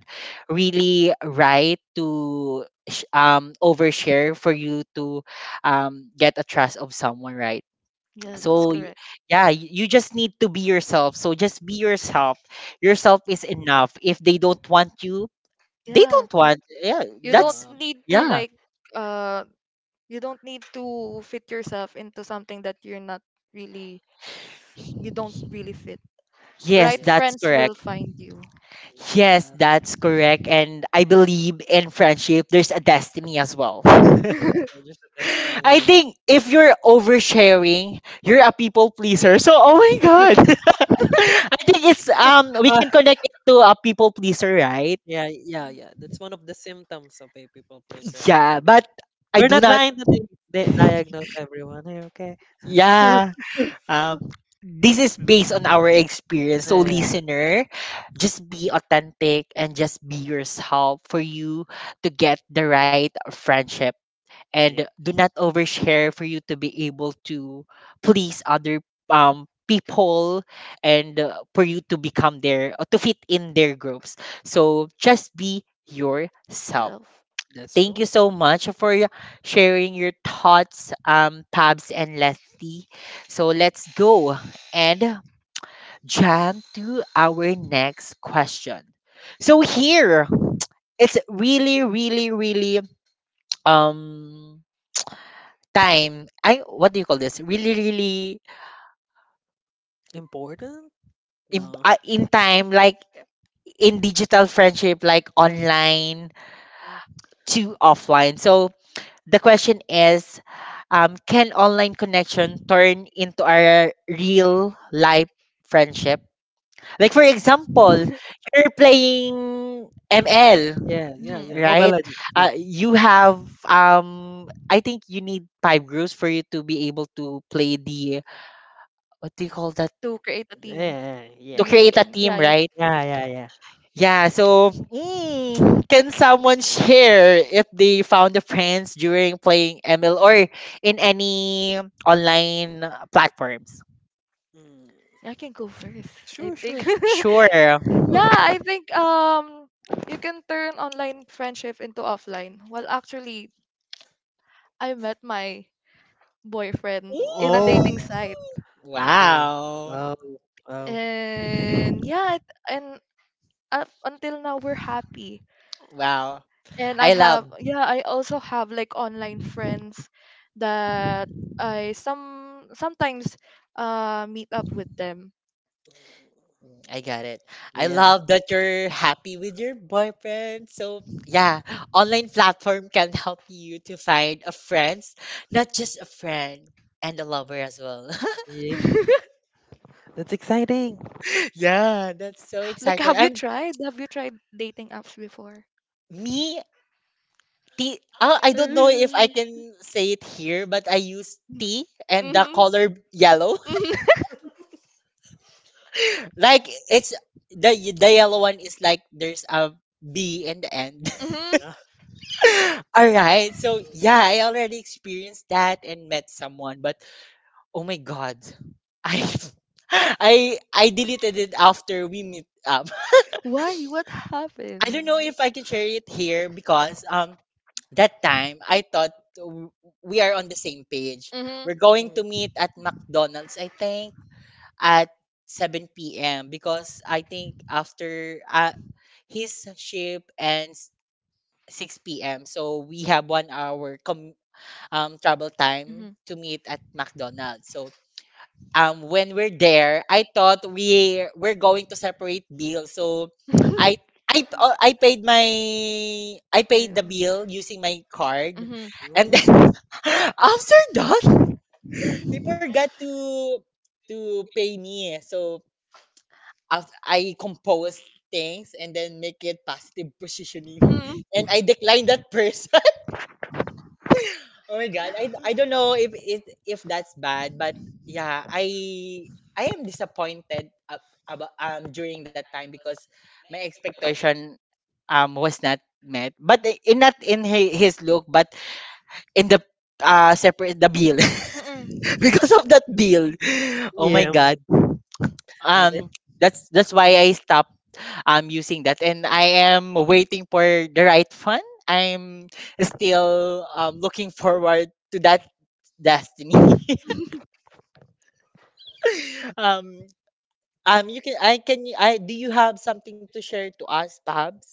really right to overshare for you to get a trust of someone, right? Yeah, that's so Yeah, y- correct. yeah, you just need to be yourself. So just be yourself. Yourself is enough. If they don't want you, they Yeah. don't want yeah, You don't that's, yeah, need to yeah, like uh you don't need to fit yourself into something that you're not really, you don't really fit. yes, Right yeah, that's friends correct. will find you. Yes, yeah, that's correct, and I believe in friendship there's a destiny as well. yeah. They're just a I destiny. think if you're oversharing, you're a people pleaser. So, oh my God. Hmm. I think it's we Ah, can connect it to a people pleaser, right? yeah, yeah, yeah. That's one of the symptoms of a people pleaser. Yeah, Actually, but I we're do not not. trying to diagnose everyone here. Okay. Yeah, um, this is based on our experience. So Yeah, listener, just be authentic and just be yourself for you to get the right friendship. And yeah. do not overshare for you to be able to please other people, and for you to become their to fit in their groups. So just be yourself. Self. That's Thank true. you so much for sharing your thoughts, Pabs and Letty. So let's go and jump to our next question. So here, it's really, really um time. I, what do you call this? Really, really Important? No. In time, like in digital friendship, like online Mm. to offline. So the question is, can online connection turn into a real life friendship? Like, for example, you're playing ML, Yeah, yeah, Hmm. yeah. Mobile right? Legends. Yeah, You have, I think you need five groups for you to be able to play the, what do you call that? To create a team. yeah, To yeah, You need, create a and team, yeah, you, right? yeah, yeah, yeah. Yeah, so mm, can someone share if they found the friends during playing ML or in any online platforms? Mm. I can go first. I Sure, think sure, Sure. yeah, sure. I think you can turn online friendship into offline. Well, actually, I met my boyfriend in a Oh, dating site. oh, Wow. oh, oh. and yeah it, and up until now we're happy, Wow. and I I love. have yeah, I also have like online friends that I some sometimes meet up with them. I got it. I Yeah. love that you're happy with your boyfriend. So yeah, online platform can help you to find a friend, not just a friend and a lover as well. Yeah. That's exciting. Yeah, that's so Like, exciting. I'm have you tried dating apps before? me T, oh, I don't know if I Mm-hmm. can say it here, but I use T and the Mm-hmm. color yellow. Like it's the yellow one is like there's a B in the end. Mhm. Yeah. All right. So yeah, I already experienced that and met someone, but oh my god, I I deleted it after we meet up. Why, what happened? I don't know if I can share it here because that time I thought we are on the same page. Mm-hmm. Mm-hmm. We're going to Mm. meet at McDonald's, I think, at 7 p.m., because I think after I his ship ends 6 p.m. So we have 1 hour travel time to meet at McDonald's. So when we're there, I thought we we're going to separate bills. So I I paid my I paid the Mm-hmm. bill using my card, Mm-hmm. and Mm. then after that he forgot to pay me. So out I compose things and then make it positive positioning Mm-mm. and I decline that person. Oh my god. I don't know if if that's bad, but yeah, I am disappointed about during that time because my expectation was not met. But in, not in his look, but in the separate the bill. Because of that bill. Oh my Yeah. god. And it, Um that's why I'm using that and I am waiting for the right fund. I'm still looking forward to that destiny. um, you can I do you have something to share to us, Pabs?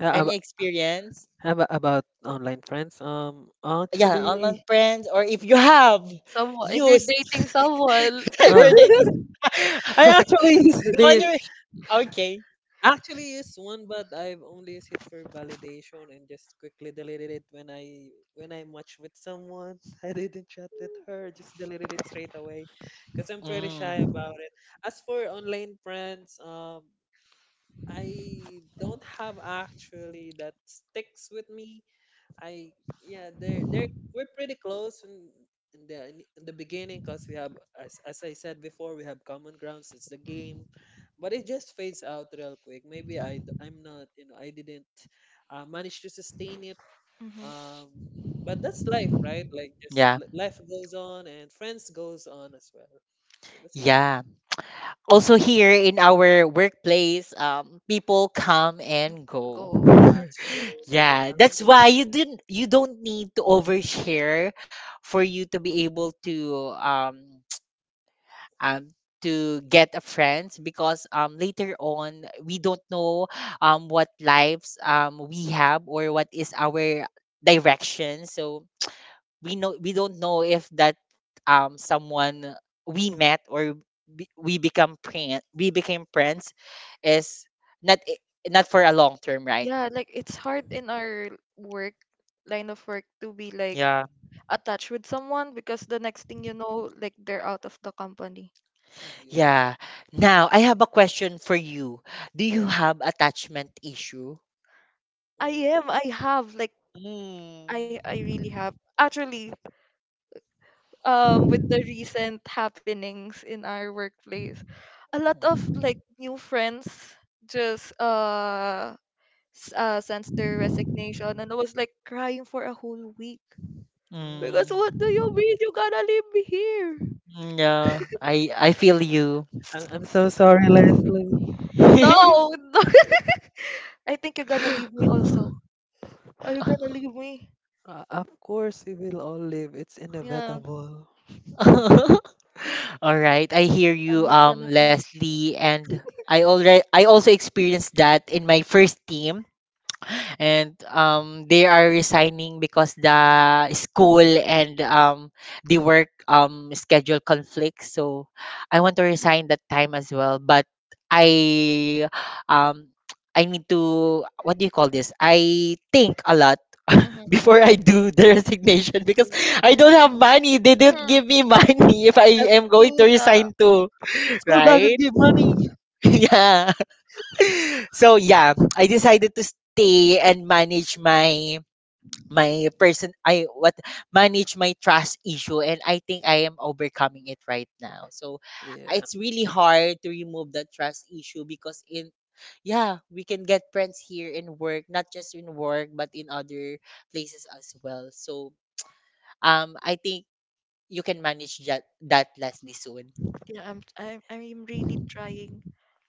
uh, Any ab- experience? About online friends. Yeah, online Actually, friends, or if you have Someone, if you're used, dating someone, if uh, you're dating, I actually use go on the your, okay. actually used one, but I've only used it for validation and just quickly deleted it when I matched with someone. I didn't chat with her; just deleted it straight away, because I'm pretty shy Mm, about it. As for online friends, I don't have actually that sticks with me. I Yeah, they're we're pretty close in, in the beginning because we have as I said before, we have common grounds. It's the game, but it just fades out real quick. Maybe I'm not, I didn't manage to sustain it. Mm-hmm. Um, but that's life, right? Like, just yeah, life goes on and friends goes on as well. So that's it. yeah. Also here in our workplace, people come and go. go. That's true. People Yeah, come and that's go. why you didn't, you don't need to overshare for you to be able to um to get a friends because later on we don't know what lives we have or what is our direction. So we know, we don't know if that someone we met, or we become friend, we became friends, is not, not for a long term, right? Yeah, like, it's hard in our work line of work to be like Yeah, attached with someone, because the next thing you know, like, they're out of the company. Yeah, yeah. Now I have a question for you: do you sure. have attachment issue? I Mm. am. I have. Like, Mm. I really have. Actually. With the recent happenings in our workplace, a lot of mm, like new friends just, sent their resignation, and I was like crying for a whole week Oh, because what Mm, do you mean you gonna leave me here? yeah, I feel you. I'm so sorry, Leslie. No, I think you're gonna leave me also. Are you gonna leave me? Of course, we will all live. It's Yeah, inevitable. All right, I hear I'm you, not gonna cry. Leslie, and I also experienced that in my first team, and they are resigning because the school and the work schedule conflicts. So I want to resign that time as well, but i um I need to, what do you call this, I think a lot Mm-hmm. before I do the resignation, because I don't have Mm-hmm. money. They didn't Mm-hmm. give me money if That's I am going to true. Yeah. resign too, School doesn't right? give money. Yeah. So yeah, I decided to stay and manage my my person I what manage my trust issue, and I think I am overcoming it right now. So Yeah. it's really hard to remove that trust issue because in yeah, we can get friends here in work, not just in work but in other places as well. So I think you can manage that Leslie soon. Yeah, I'm really trying,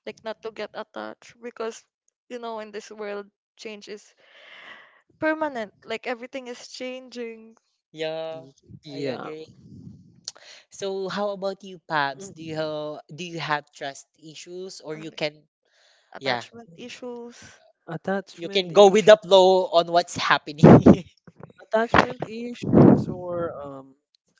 like, not to get attached because, in this world, change is permanent. Like, everything is changing, Yeah, Y- I Yeah. agree. So how about you, Mm. Pabs? Do do you have trust issues, or or, you like, can, yeah, attachment issues. you Attachment can go with issue. the flow on what's happening. Attachment issues, or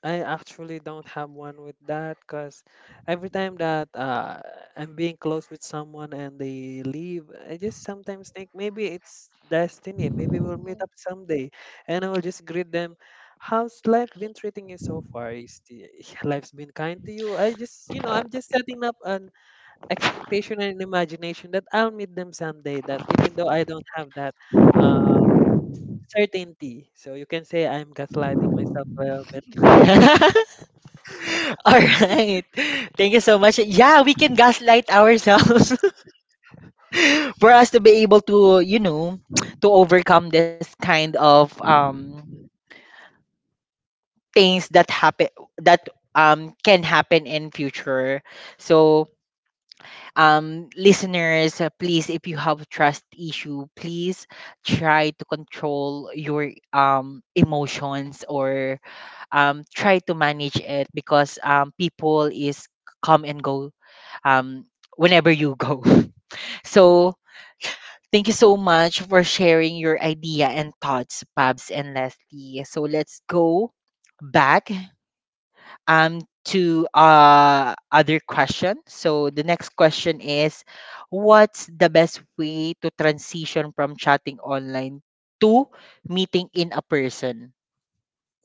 I actually don't have one with that because every time that I'm being close with someone and they leave, I just sometimes think maybe it's destiny. Maybe we'll meet Mhm. up someday, and I will just greet them. How's life been treating you so far? Is the, life's been kind to you? I just, you know, I'm just setting up an expectation and an imagination that I'll meet them someday. That even though I don't have that uh, certainty. So you can say I'm gaslighting myself a little bit. All right. Thank you so much. Yeah, we can gaslight ourselves for us to be able to, you know, to overcome this kind of things that happen that can happen in future. So, listeners, please, if you have trust issue, please try to control your emotions, or try to manage it, because people is come and go, um, whenever you go. So thank you so much for sharing your idea and thoughts, Pabs and Leslie. So let's go back, um, to other question. So the next question is, what's the best way to transition from chatting online to meeting in a person?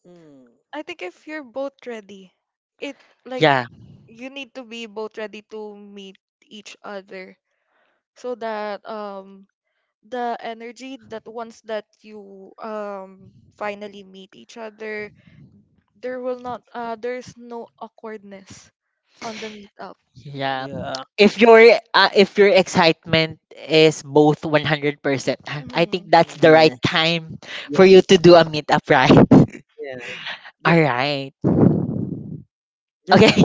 Mm, I think if you're both ready, it like Yeah. you need to be both ready to meet each other, so that the energy, that once that you finally meet each other, there will not, there's no awkwardness on the meetup. Yeah. yeah. If your if your excitement is both 100%, I Mm-hmm. think that's Mm. the Yeah. right time for you Yes. to do a meetup, right? Yeah. Ju- All right. Just, Okay.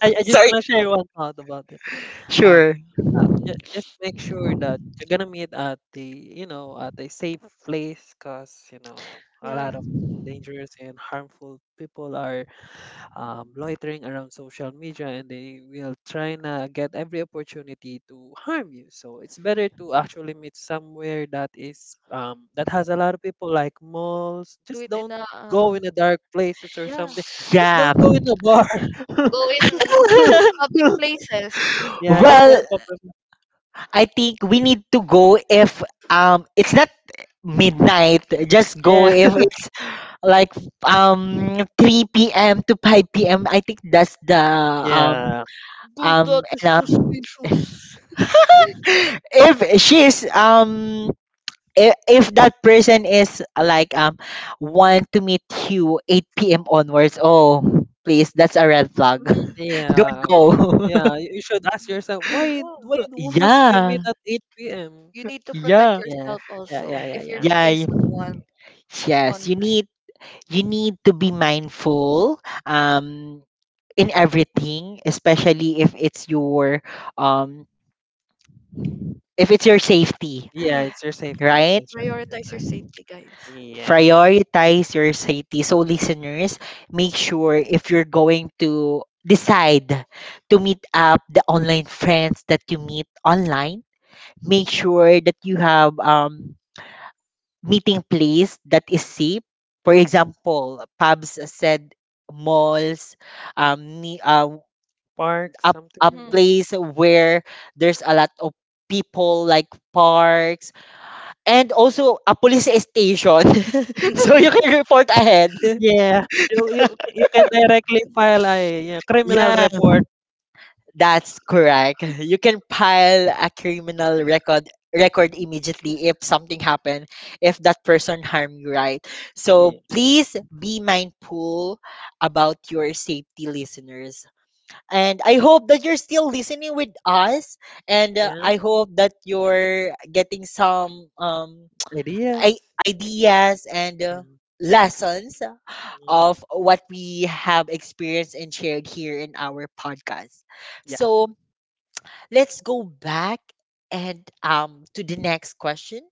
I just Sorry. want to share one thought about it. Uh, Sure. Just make sure that you're gonna meet at the, you know, at a safe place, 'cause you know a Yeah, lot of dangerous and harmful people are loitering around social media and they will try to get every opportunity to harm you. So it's better to actually meet somewhere that is, that has a lot of people, like malls. do Just it in don't a, go in the dark places or yeah. something. Just Yeah. don't go in a bar. Go in public places. Yeah, just kind Well, of pop- I think we need to go if it's not midnight. Just go Yeah. if it's like 3 p.m. to 5 p.m. I think that's the Yeah, Do that is enough. suspicious. if she's um if that person is like want to meet you 8 p.m. onwards, oh please, that's a red flag. Mm-hmm. Don't yeah, go. yeah. You should ask yourself why Yeah, why do- why must we meet Yeah. at 8 p.m.? you need to protect Yeah. Yeah, yourself yeah, also yeah, yeah, if you're yeah. Yeah. meeting y- someone Yes, you online. need to be mindful in everything, especially um if it's your safety, Yeah, Mm-hmm. it's your safety. right? That's right. That's Prioritize your right. safety, guys. Yeah. Prioritize your safety. So, listeners, make sure if you're going to decide to meet up the online friends that you meet online, make sure that you have, meeting place that is safe. For example, pubs said malls, um, ni- uh, Park, a, something a like Mm-hmm. that. place where there's a lot of people like parks, and also a police station so you can report ahead. Yeah. You can directly file a, yeah, criminal Yeah, report. that's correct. You can pile a criminal record immediately if something happened, if that person harmed you, right? So Yeah. please be mindful about your safety, listeners. And I hope that you're still listening with us, and Yeah. I hope that you're getting some Ideas. i- ideas and Yeah. Lessons Yeah. of what we have experienced and shared here in our podcast. Yeah. So let's go back and to the next question.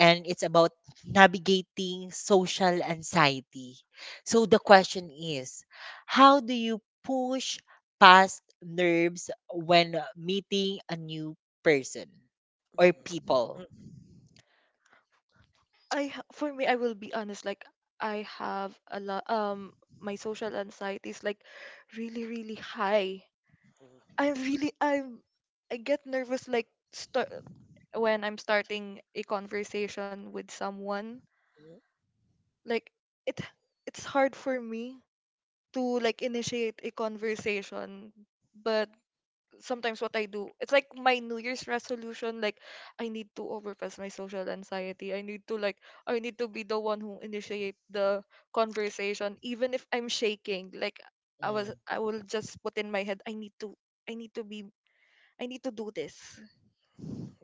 And it's about navigating social anxiety. So the question is, how do you push past nerves when meeting a new person or people? Mhm. For me, I will be honest. Like, I have a lot. My social anxiety is like really, really high. I'm. I get nervous start when I'm starting a conversation with someone. Mhm. Like it, it's hard for me to like initiate a conversation, but sometimes what I do, it's like my New Year's resolution. Like, I need to overpass my social anxiety. I need to I need to be the one who initiate the conversation, even if I'm shaking. Like, Mm, I will just put in my head, I need to be, I need to do this.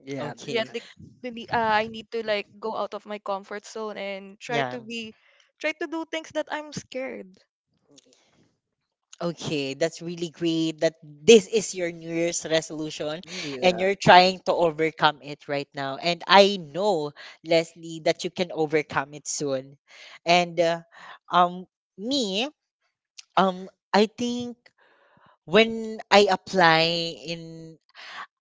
Yeah, that's Yeah, okay. right. like, maybe I need to like Mhm. go out of my comfort zone and try Yeah. to be, try to do things that I'm scared. Okay, that's really great that this is your New Year's resolution and Yeah. you're trying to overcome it right now. And I know, Leslie, that you can overcome it soon. And um me, I think when I apply in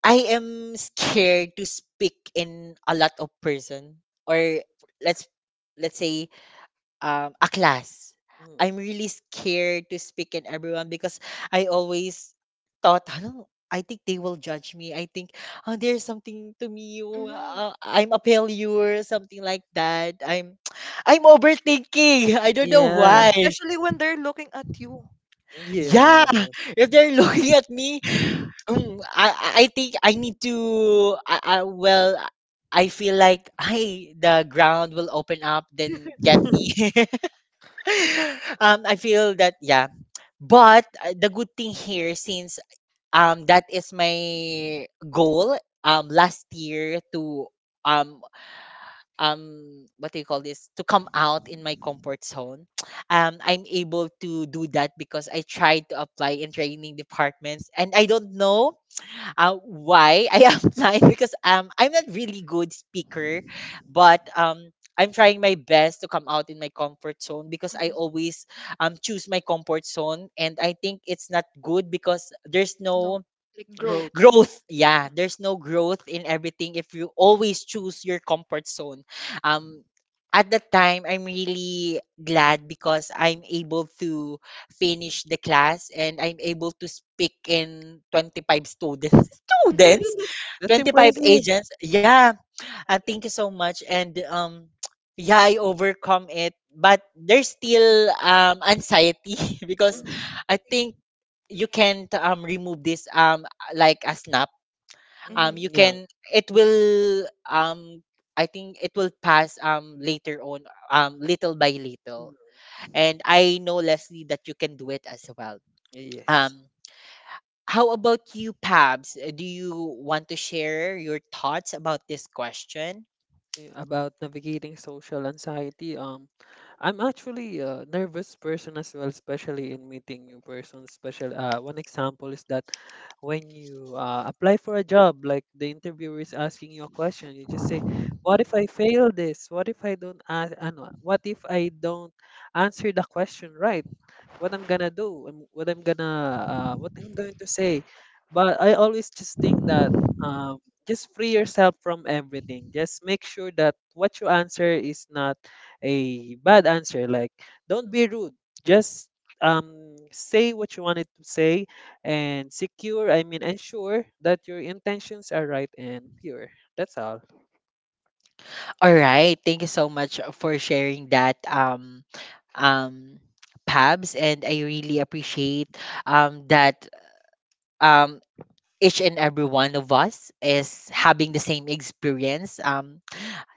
I am scared to speak in a lot of person, or let's let's say a class. Mm. I'm really scared to speak in everyone because I always thought, hello, I think they will judge me. I think, oh, there's something to me. Oh, Mm-hmm. I'm a failure, something like that. I'm overthinking. I don't know Yeah. why. Especially when they're looking at you. Yeah, Yeah. if they're looking at me, I think I need to. Well, I feel like, hey, the ground will open up, then get me. I feel that, yeah. But the good thing here, since that is my goal last year to um what do you call this, to come out in my comfort zone, I'm able to do that because I tried to apply in training departments, and I don't know why I applied, because I'm not really good speaker, but I'm trying my best to come out in my comfort zone because I Mm-hmm. always choose my comfort zone, and I think it's not good because there's No, no like Growth. growth. growth. Yeah, Yeah. there's no growth in everything if you always choose your comfort zone. um at that time I'm really glad because I'm able to finish the class and I'm able to speak in 25 students students Mm. That's 25 impressive. agents, yeah. Thank you so much, and yeah, I overcome it, but there's still anxiety because Hmm. Mm, I think you can't remove this like a snap. mm. Hmm. You Yeah. can It will, I think it will pass, later on, little by Mm. little. And I know Leslie that you can do it as well. Yes. Um how about you, Pabs? Do you want to share your thoughts about this question? About navigating social anxiety. I'm actually a nervous person as well, especially in meeting new persons. Special, one example is that when you apply for a job, like the interviewer is asking you a question, you just say, "What if I fail this? What if I don't ask? Ano, what if I don't answer the question right?" what I'm gonna do and what I'm gonna what I'm going to say. But I always just think that, um, just free yourself from everything. Just make sure that what you answer is not a bad answer. Like, don't be rude. Just, say what you wanted to say, and secure, I mean, ensure that your intentions are right and pure. That's all. All right, thank you so much for sharing that, um Pabs, and I really appreciate that um each and every one of us is having the same experience,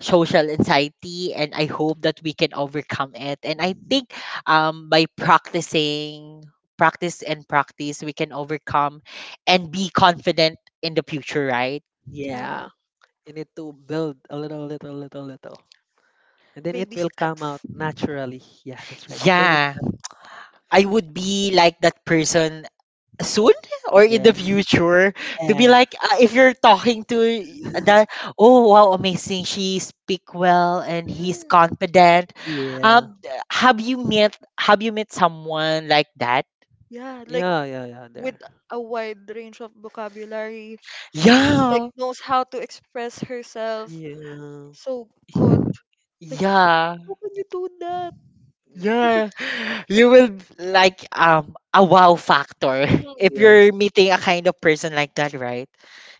social anxiety, and I hope that we can overcome it. And I think, by practicing, practice and practice, we can overcome and be confident in the future, right? Yeah, Yeah, you need to build a little, little, little, little. And then it baby will come steps. out naturally. Yeah, that's right. Baby Yeah, step. I would be like that person soon or in the Yeah. future to be Yeah. like, if you're talking to that, oh wow, amazing, she speak well and he's Mhm. confident. Yeah. um have you met someone like that? Yeah, like Yeah. Yeah. Yeah. with There. a wide range of vocabulary, Yeah. like Yeah. knows how to express herself Yeah. so good. Like, how Yeah, can you do that? Mm. yeah. You will like a wow factor Mm-hmm. if Yes. you're meeting a kind of person like that, right?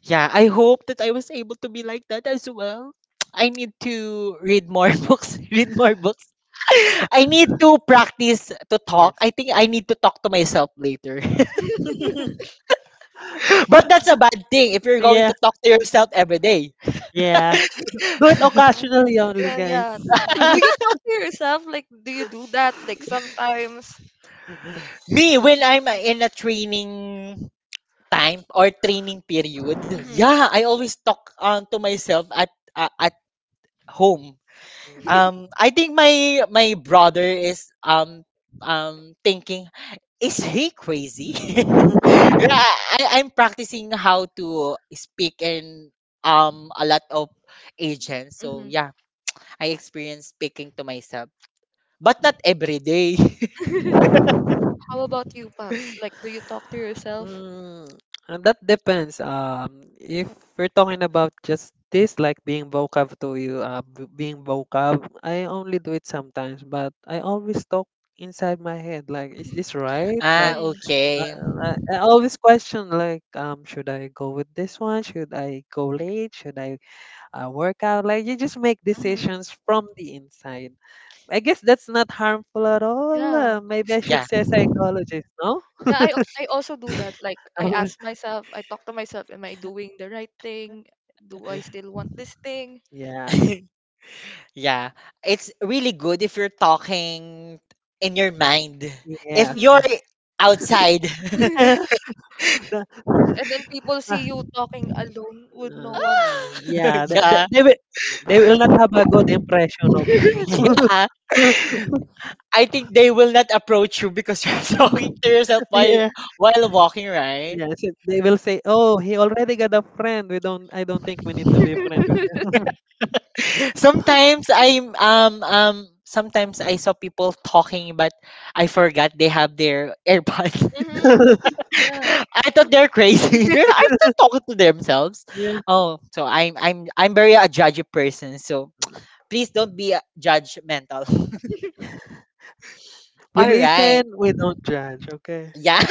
Yeah, I hope that I was able to be like that as well. I need to read more read more books. I need to practice to talk. Yes. I think I need to talk to myself later. But that's a bad thing if you're going Yeah. to talk to yourself every day. Yeah. Do it occasionally only, Yeah, guys. yeah. Mm. Do you talk to yourself? Like, do you do that? Like sometimes. Me, when I'm in a training time or training period, Mm-hmm. yeah, I always talk, to myself at home. I think my brother is thinking, is he crazy? Mm. Yeah, I'm practicing how to speak in a lot of agents. So Mm-hmm. yeah, I experience speaking to myself, but not every day. How about you, Pabs? Like, do you talk to yourself? Mm, that depends. If we're talking about just this, like being vocab to you, I only do it sometimes, but I always talk inside my head. Like, is this right? Ah, Like, Mm-hmm. okay, I, I always question, like, should I go with this one? Should I go late? Should I work out? Like, you just make Mm-hmm. decisions from the inside. I guess that's not harmful at all. Yeah. Maybe Because- I should yeah. say psychologist, no? Yeah, I also do that. Like I ask myself, I talk to myself, am I doing the right thing? Do I Yeah, still want this thing? yeah, yeah. Yeah, it's really good if you're talking in your mind. If Mm-hmm. Yes. you're outside, Yeah. The- And then people uh, see you talking alone with no one. Yeah. They, they, yeah, they will they will not have a good impression of you. yeah, I think they will not approach you because you're talking to yourself while Yeah. Walking, right? Yes. They will say, "Oh, he already got a friend. We don't. I don't think we need to be friends with him." Sometimes I'm sometimes I saw people talking, but I forgot they have their AirPods. Mm-hmm. Yeah. I thought they're crazy. They're not, are they talking to themselves? Yeah. Oh, so I'm very a judgy person. So please don't be judgmental. We All right. listen. We don't judge. Okay. Yeah.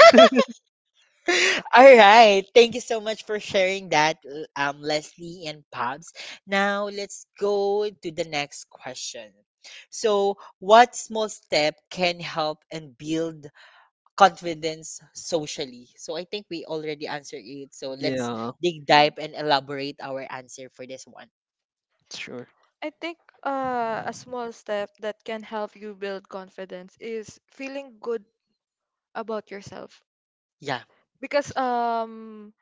All right. Thank you so much for sharing that, Leslie and Pops. Now let's go to the next question. So, what small step can help and build confidence socially. So I think we already answered it. So let's Yeah. dig Mm. deep and elaborate our answer for this one. Sure. I think a small step that can help you build confidence is feeling good about yourself. Yeah. Because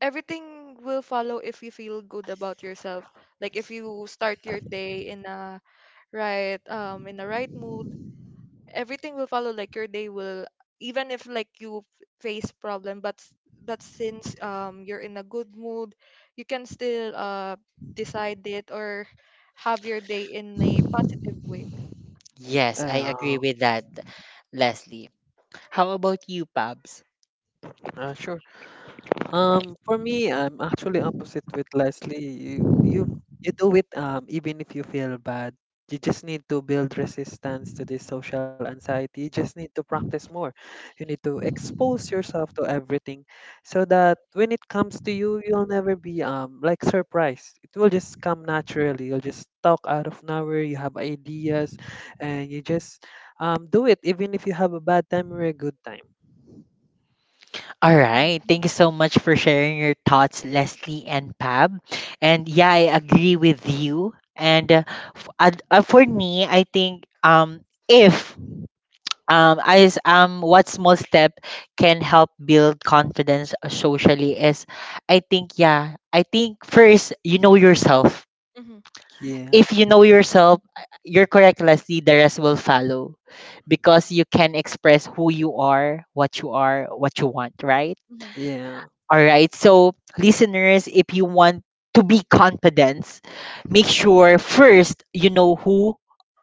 everything will follow if you feel good about yourself. Like if you start your day in a right in a right mood, everything will follow like your day will even if like you face problem but since you're in a good mood, you can still decide it or have your day in a positive way. Yes, I Uh, agree with that, Leslie. How about you, Pabs? Sure. For me, I'm actually opposite with Leslie. You do it, even if you feel bad. You just need to build resistance to this social anxiety. You just need to practice more. You need to expose yourself to everything so that when it comes to you, you'll never be like surprised. It will just come naturally. You'll just talk out of nowhere. You have ideas, and you just do it even if you have a bad time or a good time. All right. Mm-hmm. Thank you so much for sharing your thoughts, Leslie and Pab. And yeah, I agree with you. And for me, I think if I s- what small step can help build confidence socially is, I think, yeah, I think first you know yourself. Yeah. If you know yourself, you're correct, Leslie. The rest will follow, because you can express who you are, what you are, what you want, right? Mm-hmm. Yeah. All right. So, listeners, if you want to be confident, make sure first you know who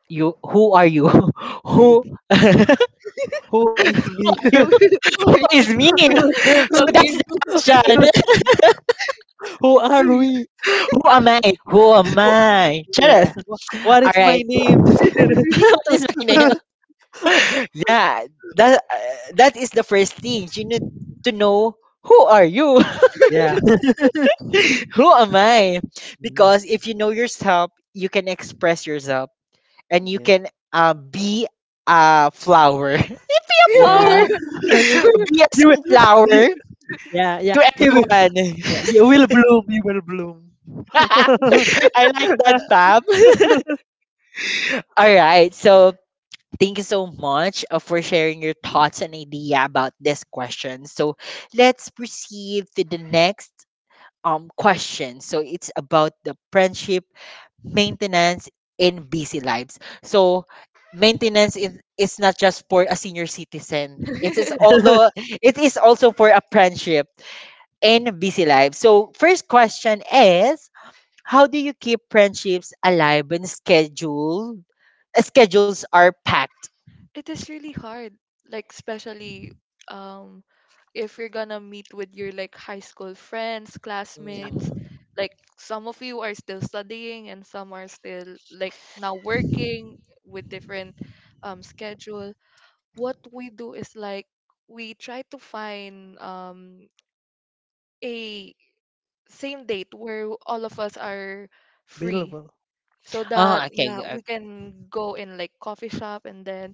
you who are you, who Who is me? is me. So that's the question. Who are we? Who am I? Who am Wha- I? Charas. Yeah. What All is my right. name? Just kidding. What is my name? Yeah. That is the first thing you need to know. Who are you? Yeah. Who am I? Mm. Because if you know yourself, you can express yourself, and you Yeah. can, be a flower. Flower. Yeah. Yeah. Be a You will. You, sunflower yeah. Yeah. to He will. everyone. Yeah. You will bloom. You will bloom. I like that, Fab. All right. So thank you so much for sharing your thoughts and idea about this question. So let's proceed to the next question. So it's about the friendship maintenance in busy lives. So maintenance is it's not just for a senior citizen. It is, although it is also for a friendship in busy lives. So first question is how do you keep friendships alive when schedules are packed? It is really hard, like especially um if you're gonna meet with your like high school friends, Yeah. classmates, Mm. like some of you are still studying and some are still like now working with different schedule. What we do is like we try to find a same date where all of us are free Beautiful. so Oh, that yeah okay. We can go in like coffee shop and then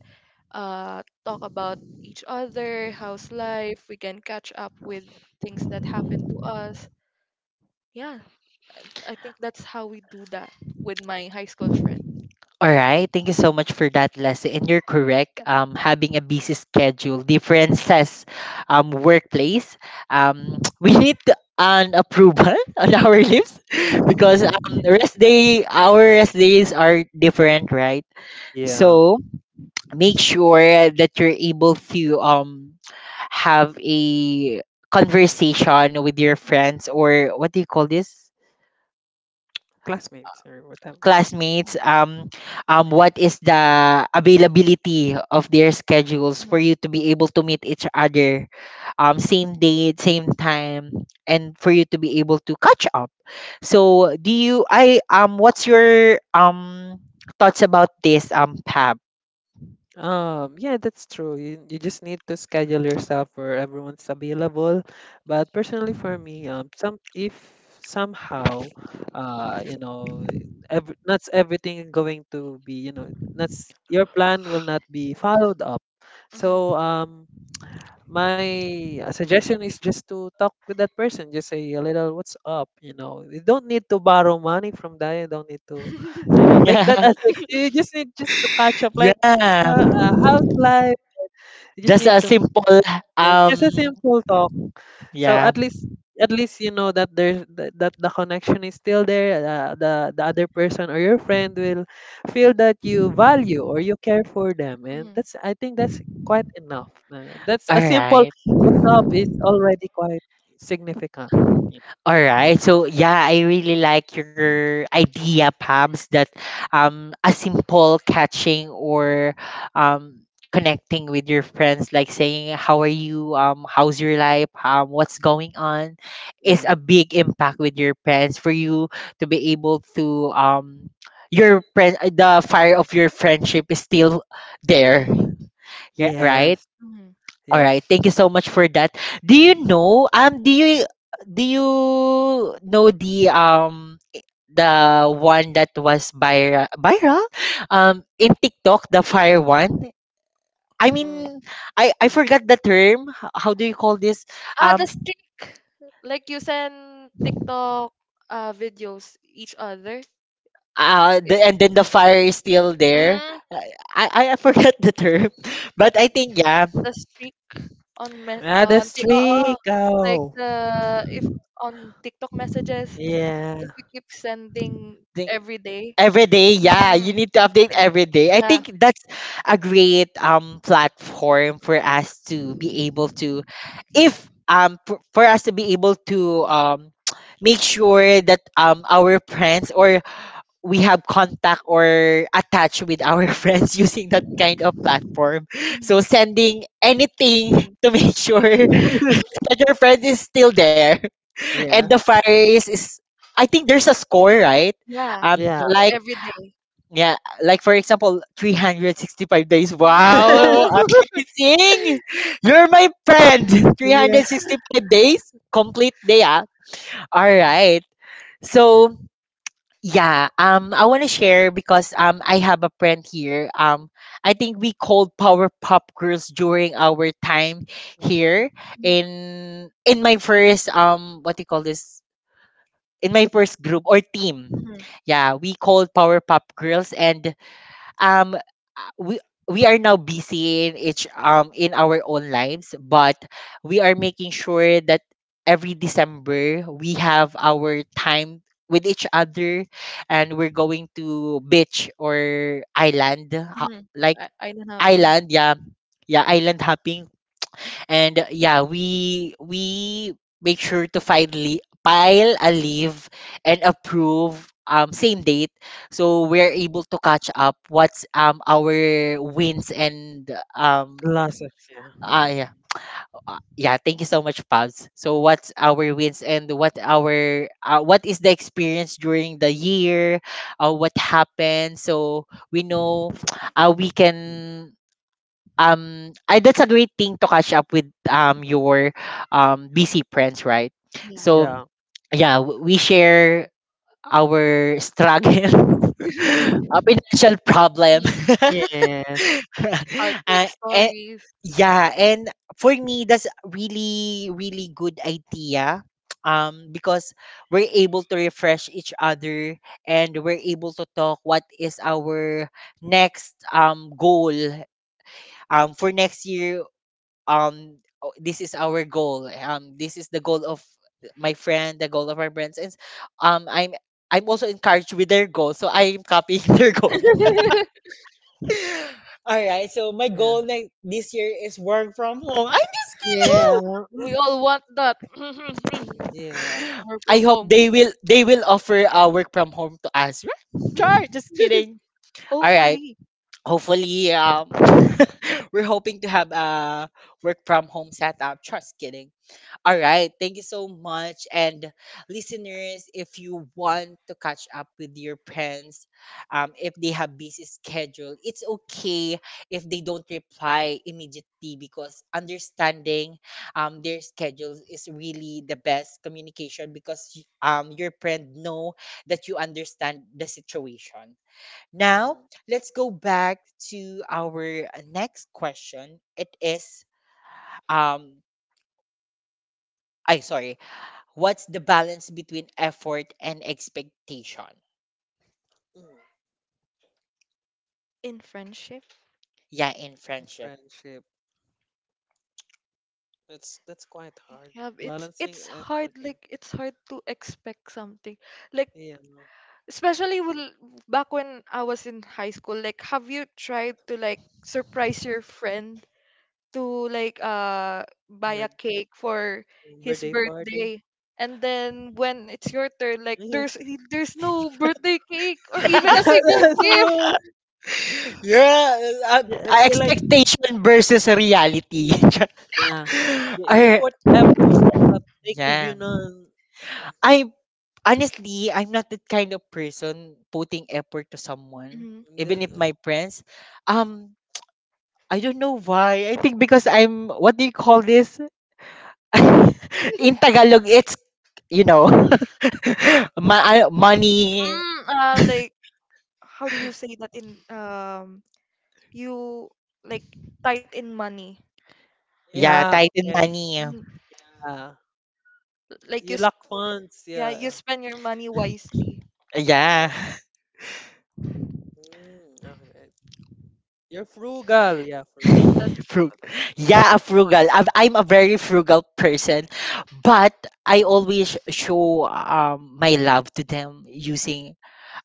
talk about each other how's life. We can catch up with things that happened to us. Yeah, I think that's how we do that with my high school friend. All Mm. right. Thank you so much for that, Leslie. And you're correct. Having a busy schedule differences, workplace. We need an approval on our lips because rest day, our rest days are different, right? Yeah. So make sure that you're able to have a conversation with your friends or what do you call this, Classmates or whatever. classmates, um, what is the availability of their schedules for Mhm, you to be able to meet each other, um, same date same time, and for you to be able to catch up. So do you I what's your thoughts about this, um, pap? Yeah, that's true. You just need to schedule yourself where everyone's available. But personally, for me, somehow, you know, ev not everything going to be, you know, not, your plan will not be followed up. mhm, mhm. So my suggestion is just to talk with that person, just say a little what's up. You know, you don't need to borrow money from that, you don't need to, you know, make that as, like, you just need just to catch up, like, Yeah. How's life. You just Just need a to, simple yeah, just a um, simple talk. So yeah. at least, you know that there's that, the connection is still there. Uh, the other person or your friend will feel that you value or you care for them, and Mhm. that's, I think, that's quite enough. That's All a simple right. what's up is already quite significant, you know. All right. So yeah, I really like your idea, Pabs, that a simple catching or um connecting with your friends, like saying how are you, how's your life, what's going on, is Yeah, a big impact with your friends for you to be able to your friend, the fire of your friendship is still there. Yeah, right? yes, Mhm. All yes. right, thank you so much for that. Do you know um do you do you know the the one that was viral in TikTok, the fire one? I Mm. mean, I forgot the term. H- How do you call this? Ah, the Um, stick, like you send TikTok videos each other. uh, the, Is and then the fire is still there. I forgot the term. But I think yeah, the streak Ah, the on the oo, streak. like Oh, the if on TikTok messages, yeah. if we keep sending every day, every day, yeah, you Mm. need to update uh, every day. I yeah. think that's a great platform for us to be able to, if p- for us to be able to um make sure that our friends or we have contact or attach with our friends using that kind of platform. Mm. So sending anything Mm, to make sure that your friend is still there and the Yeah. fire is, I think there's a score, right? yeah, Yeah. Like every day. yeah, like for example, 365 days. Mm, Wow, amazing! You're my friend. Yeah. 365 days, complete day. Ah. All right. So, yeah, I want to share because I have a friend here. I think we called Power Pop Girls during our time here Mm. In my first what do you call this? In my first group or team. Mhm. Yeah, we called Power Pop Girls and um uh, we we are now busy in each in our own lives, but we are making sure that every December we have our time with each other, and we're going to beach or island ho- Mhm. like I know nothing. island, yeah, yeah, island hopping. And yeah, we make sure to finally file a leave and approve same date so we're able to catch up what's our wins and um Losses. Yeah. Yeah, yeah, thank you so much, Pabs. So what's our wins and what our what is the experience during the year, what happened so we know, we can I, that's a great thing to catch up with your busy friends, right? Yeah. So Yeah. yeah, w- we share our struggle our financial problem Yeah. uh, Heartbreak eh, stories. yeah, and for me that's really good idea. Um, because we're able to refresh each other and we're able to talk what is our next goal for next year. Um, "Oh, this is our goal, this is the goal of my friend, the goal of our friends, and s- um I'm also encouraged with their goal so I'm copying their goal. All right, so my Yeah. goal ne- this year is work from home, I'm just Yeah. Woo! We all want that. Mm, yeah. kidding, Work I from hope home. they will offer work from home to us. Sure, just kidding. All right, Hopefully, hopefully Oh, we're hoping to have a work from home setup, just kidding. All right. Thank you so much. And listeners, if you want to catch up with your friends, if they have busy schedule, it's okay if they don't reply immediately, because understanding um their schedule is really the best communication, because y- your friend know that you understand the situation. Now, mm, let's go back to our next question. It is um, I sorry. What's the balance between effort and expectation? mm. in friendship. Yeah, in friendship. Friendship. That's quite hard. Yeah, Balancing it's hard, effort and, like it's hard to expect something. Like yeah. especially will back when I was in high school, like have you tried to like surprise your friend to like buy a Bird, cake for his birthday party. birthday, and then when it's your turn like Yeah. There's no birthday cake or even a single That's gift. true. Yeah, Yeah, you like, expectation versus reality. Mm-hmm. yeah. You, you I, put effort, but they give yeah. you none. I honestly, I'm not the kind of person putting effort to someone, Mm, even if my friends. Um, I don't know why. I think because I'm what do you call this? In Tagalog, it's you know, ma- money. Mm, like how do you say that in you like tight in money. Yeah, yeah. Titan Okay. money. Yeah. You like you lack sp- funds. yeah, Yeah. you spend your money wisely. Yeah. Yeah. Mm, okay. You're frugal. Yeah, frugal, Mm-hmm, frugal. Frug- that, that's the yeah, a term. frugal. I'm a very frugal person, but I always show my love to them using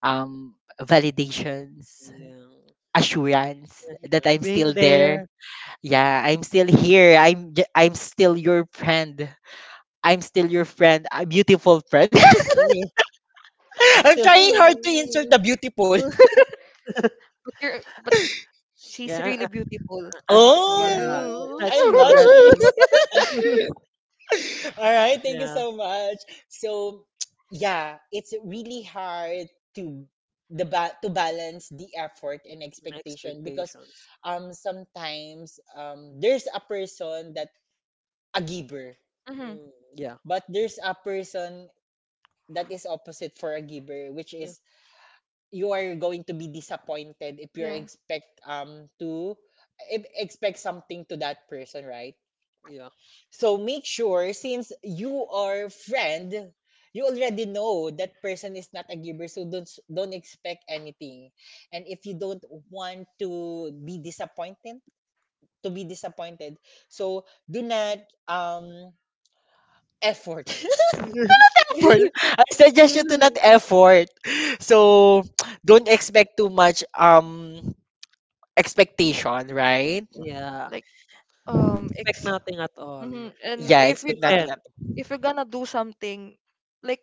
um validations, Yeah. assurance Yes, that yes. I'm Being still there. there. Yeah. Yeah, I'm still here. I'm still your friend. I'm still your friend, a beautiful friend. Yeah. I'm I'm still. trying hard to insert Mm. the beautiful. But she's Yeah. Really beautiful. Yeah. Yeah, Oh, that's I'm true. That's blushing. true. All right, thank you Yeah. so much. So, yeah, it's really hard to the ba- to balance the effort and expectation, because Expectations. Sometimes there's a person that a giver, Mm-hmm, Mm, yeah. but there's a person that is opposite for a giver, which Yeah. is you are going to be disappointed if you yeah. expect to if expect something to that person, right? Yeah. So make sure since you are friend, you already know that person is not a giver, so don't expect anything. And if you don't want to be disappointed, so do not effort. Effort. I suggest you to not effort. So don't expect too much expectation, right? Yeah. like um Expect ex- nothing at all. mhm, and Yeah, Yeah. If expect you nothing can. At. if you're gonna do something, like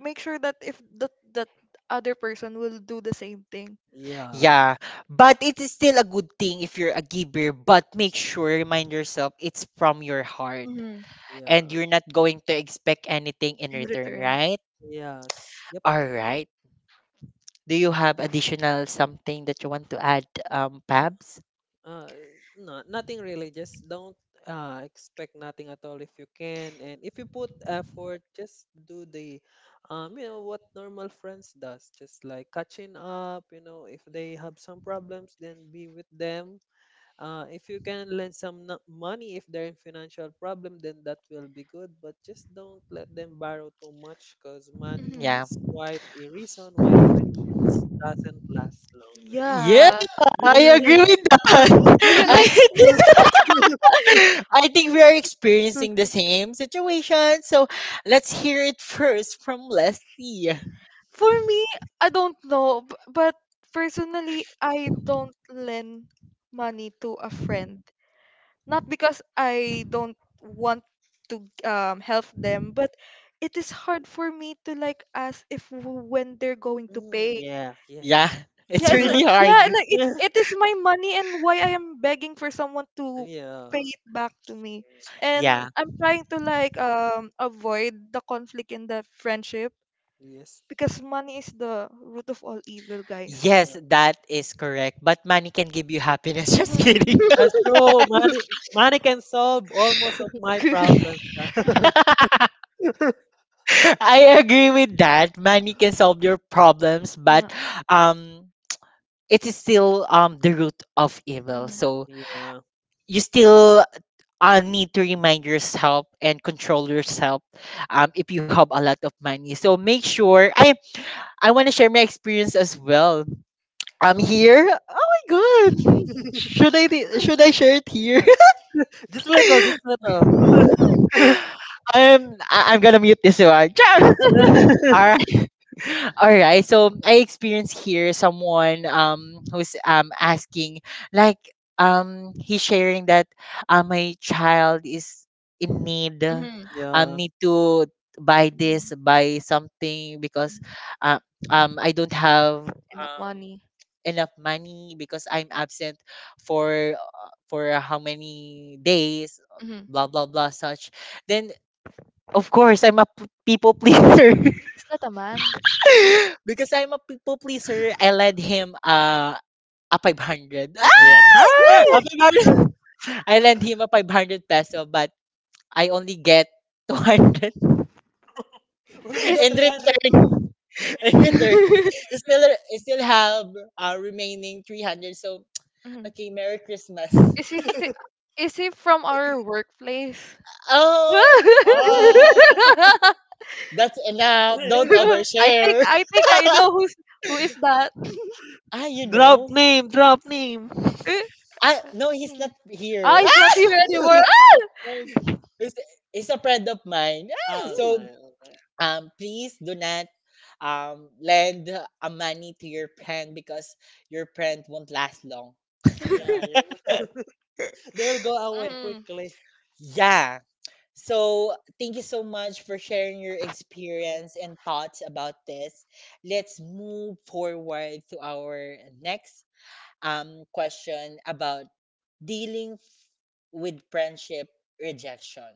make sure that if that that other person will do the same thing. Yeah. Yeah, but it is still a good thing if you're a giver, but make sure, remind yourself, it's from your heart Hmm. Yeah. and you're not going to expect anything in In return, return. right? Yes. Yep. All right. Do you have additional something that you want to add, Pabs? Uh, no, nothing really. Just don't, expect nothing at all if you can. And if you put effort, just do the, what normal friends does. Just like catching up if they have some problems, then be with them. If you can lend some money if they're in financial problem, then that will be good. But just don't let them borrow too much, because money Mhm. Yeah. is quite a reason why friendship doesn't last Yeah, Yeah. I agree longer. with that. Do you I like think, I think we are experiencing the same situation. So let's hear it first from Leslie. for me, I don't know, but personally, I don't lend money to a friend. Not because I don't want to help them, but it is hard for me to like ask if w- when they're going to Mm, pay. yeah, Yeah, yes. it's Yes, yeah, really hard. yeah, and like, Yeah, it is my money, and why I am begging for someone to pay yeah. it back to me. Like, Yeah. And I'm trying to like avoid the conflict in the friendship, yes. because money is the root of all evil, guys. Yes, Yeah. that is correct. But money can give you happiness. Just Mhm. kidding. That's true. Money can solve almost of my problems. I agree with that. Money can solve your problems, Yeah. but um, it is still the root of evil. Mhm. So Yeah. you still need to remind yourself and control yourself if you have a lot of money. So make sure I want to share my experience as well. I'm Sure. here. Oh my god. Should I share it here? Just a little, just Yeah. a little. I'm gonna mute this one. All all right. So I experienced here someone who's asking like he's sharing that my child is in need Mhm. Yeah. need to Mhm. Buy something because Mhm. uh, I don't have Enough um money. enough money because I'm absent for how many days, Hmm. blah blah blah such, then of course I'm a p- people pleaser Is that a man? because I'm a people pleaser, I lend him a 500. Mhm. A Woo! 500. I lend him a 500 peso, but I only get 200 Where did that Is in 300? return. In return, I still, I still have remaining 300. So, Mhm. okay, Merry Christmas. Is he sti- is he from our workplace? Oh, I oh, that's enough. Don't overshare. I think I know who is that. Ah, you Drop know. name, drop name. Eh? Ah, no, he's Mm. not here. Ah, it's not Ah! here anymore. Ah! Alright, He's, he's a friend of mine. Ah, so Mm. alright. Please do not lend a money to your friend because your friend won't last long. Yeah, yeah. They will go away Mm. quickly. Yeah. So thank you so much for sharing your experience and thoughts about this. Let's move forward to our next um question about dealing f- with friendship rejection.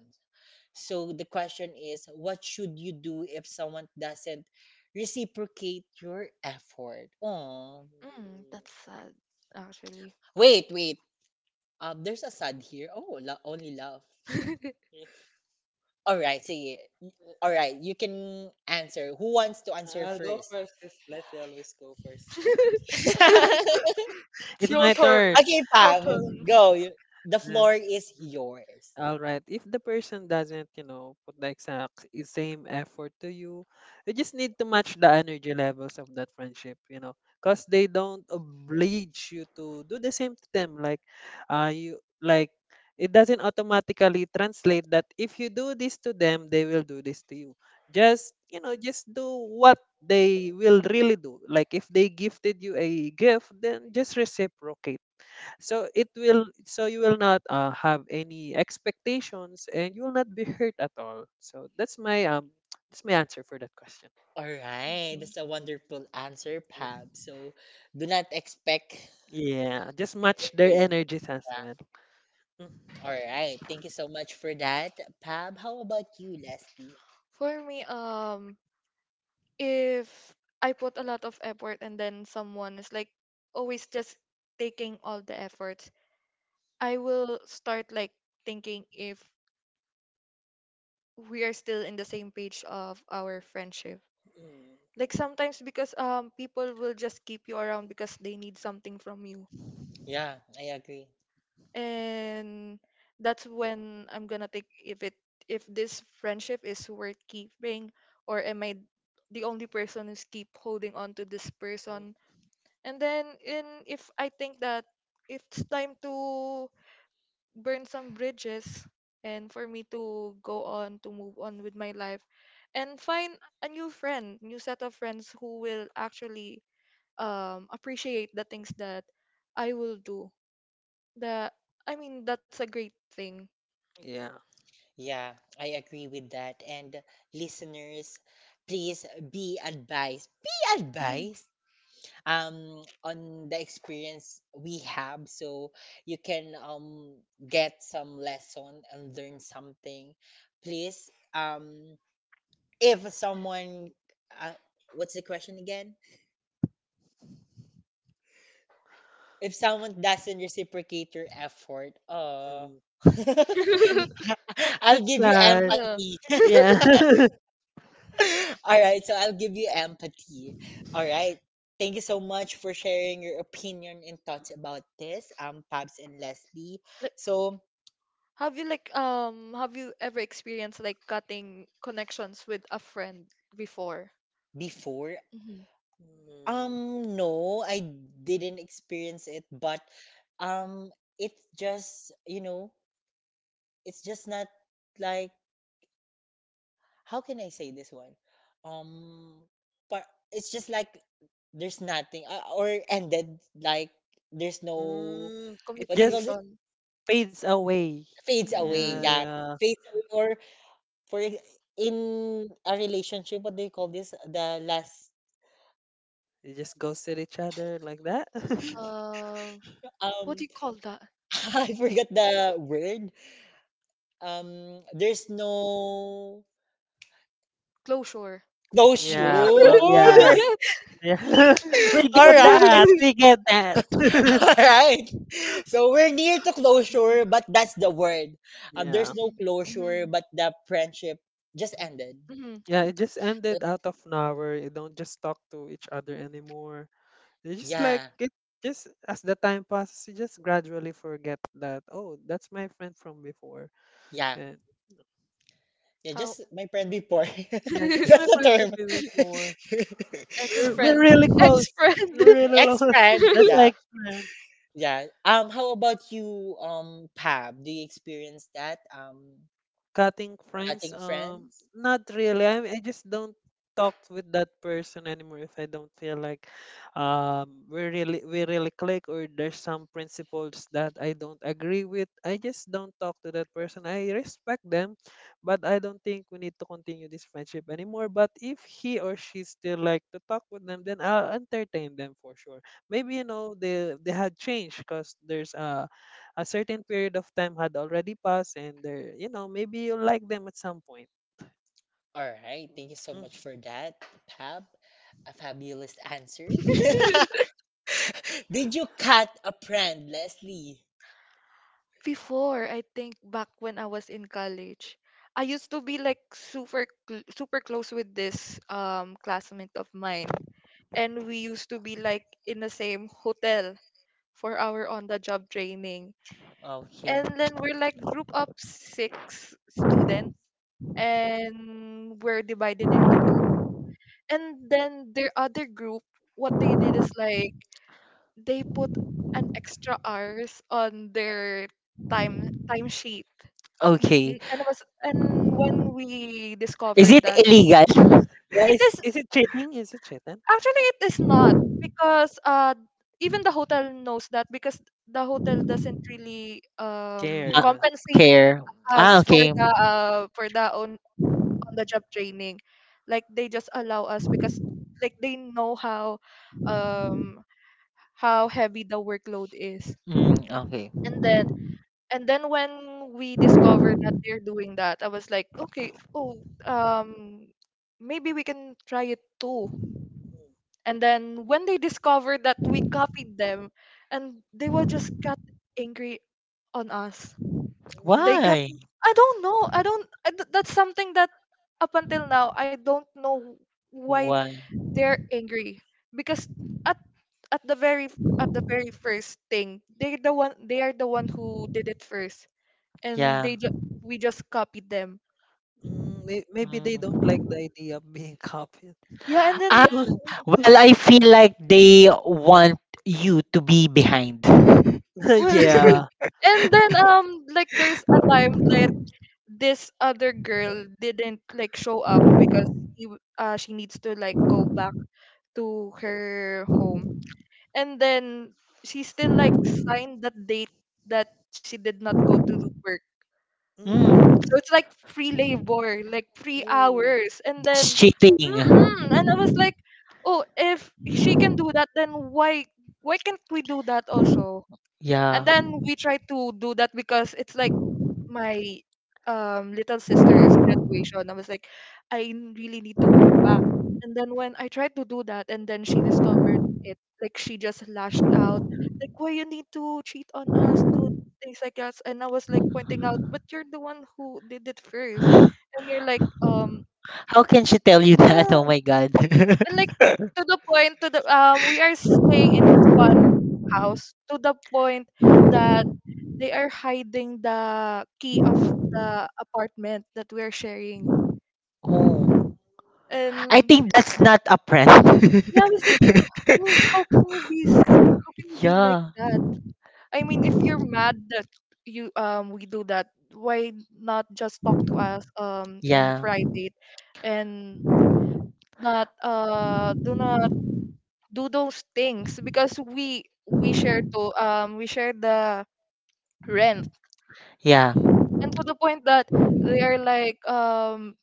So the question is, what should you do if someone doesn't reciprocate your effort? Oh. Mm, that's sad, actually. Wait. There's a sad here. Oh, la- only love. Yes. All right, sige. Yeah. All right, you can answer. Who wants to answer I'll go first? first because Leslie always go first. It's It's your my turn. turn. Okay, Your Pam, turn. go. You- The Yeah. floor is yours. All right. If the person doesn't put the exact same effort to you, you just need to match the energy levels of that friendship because they don't oblige you to do the same to them. Like, you like it doesn't automatically translate that if you do this to them, they will do this to you. Just do what they will really do. Like, if they gifted you a gift, then just reciprocate, so it will so you will not have any expectations, and you will not be hurt at all. So that's my that's my answer for that question. All right, Mhm. that's a wonderful answer, Pam. Mm. So, do not expect. Yeah, just match their energies as Yeah. well. Mm, All right, thank you so much for that, Pam. How about you, Leslie? For me, if I put a lot of effort and then someone is like always just taking all the efforts, I will start like thinking if we are still in the same page of our friendship. mm, Like sometimes because people will just keep you around because they need something from you. Yeah, I agree. And that's when I'm gonna think if this friendship is worth keeping, or am I the only person who's keep holding on to this person. mm, And then in if I think that it's time to burn some bridges and for me to go on to move on with my life and find a new friend, new set of friends who will actually appreciate the things that I will do. That I mean that's a great thing. yeah, Yeah, I agree with that. And listeners, please be advised. Be advised on the experience we have so you can get some lesson and learn something. Please if someone uh, what's the question again? If someone doesn't reciprocate your effort, mm. I'll That's give you sad. Yeah. empathy. Yeah. All right, so I'll give you empathy. All right. Thank you so much for sharing your opinion and thoughts about this, Pabs and Leslie. Like, So have you like have you ever experienced like cutting connections with a friend before? before, Hmm. Mm, no, I didn't experience it, but um, it's just you know, it's just not like how can I say this one, um, but it's just like there's nothing or ended like there's no mm, it what do you call just Communication. fades away. fades away. Hmm. Yeah, Yeah, yeah. fades away or for in a relationship, what do you call this? The last You just ghost at each other like that. Uh, what um do you call that? I forgot the word. There's no Closure. Yeah, closure. yeah, yeah. We All get right, that. We get that. all right. So we're near to closure, but that's the word. Yeah, There's no Mhm, closure, mhm, but the friendship just ended. mhm. yeah. It just ended out of nowhere. You don't just talk to each other anymore. You just like Yeah, it. Just as the time passes, you just gradually forget that. Oh, that's my friend from before. yeah. And, Yeah, How? just my friend before. yeah, just That's my the friend from term. before. Ex We're friend. really close. Ex friend. We're really close. Ex-friend, That's my yeah. ex. Yeah. How about you, Pab? Do you experience that? Cutting friends, Cutting friends? not really. I just don't talk with that person anymore if I don't feel like we really click, or there's some principles that I don't agree with. I just don't talk to that person. I respect them, but I don't think we need to continue this friendship anymore. But if he or she still like to talk with them, then I'll entertain them for sure. Maybe they had changed, because there's a certain period of time had already passed, and they're, maybe you like them at some point. All right. Thank you so Mm. much for that, Pab. A fabulous answer. Did you cut a friend, Leslie? Before, I think back when I was in college, I used to be like super close with this classmate of mine, and we used to be like in the same hotel for our on the job training. Okay. And then we're like group of six students and we're divided into two. And then their other group, what they did is like they put an extra hours on their time timesheet. Okay. And it was and when we Is discovered it that illegal? Yeah, it is is it cheating? Is it cheating? actually it is not, because even the hotel knows that, because the hotel doesn't really Care, you Ma- go. compensate care. Ah, us okay. For the own on the job training, like they just allow us because like they know um how heavy the workload is. Mm, okay. And then, and then when we discovered that they're doing that, I was like okay, oh, um maybe we can try it too. And then when they discovered that we copied them, and they were just got angry on us. They Mm, got, Why? I don't know, I don't I, th- that's something that up until now I don't know why Well, they're angry, because at at the very, at the very first thing, they are the one who did it first, and yeah. they we just copied them. mm, maybe they don't Mm. like the idea of being copied. Yeah, and then Ah, well, I feel like they want you to be behind. well Yeah. and then like there's a time, like this other girl didn't like show up because she needs to like go back to her home, and then she still like signed that date that she did not go to work. Mm, Mm, So it's like free labor, like free oh, hours. And then, that's cheating. mm-mm. And I was like, oh, if she can do that, then why can't we do that also? And Yeah. mm, then we try to do that because it's like my little sister's graduation. I was like, really need to go back. And then when I tried to do that, and then she discovered it, like she just lashed out, like, "Why you need to cheat on us, do things like us?" And I was like pointing out, "But you're the one who did it first, and you're like, um," How can she tell you that? yeah, Oh my god. and like to the point to the we are staying in one house to the point that they are hiding the key of the apartment that we're sharing. oh. I And think that's not a prank. yeah, I was like, I mean, how can you be how can you be like yeah. that? I mean, if you're mad that you we do that, why not just talk to us in Yeah. private and not do not do those things because we share the rent. Yeah. yeah. And to the point that they are like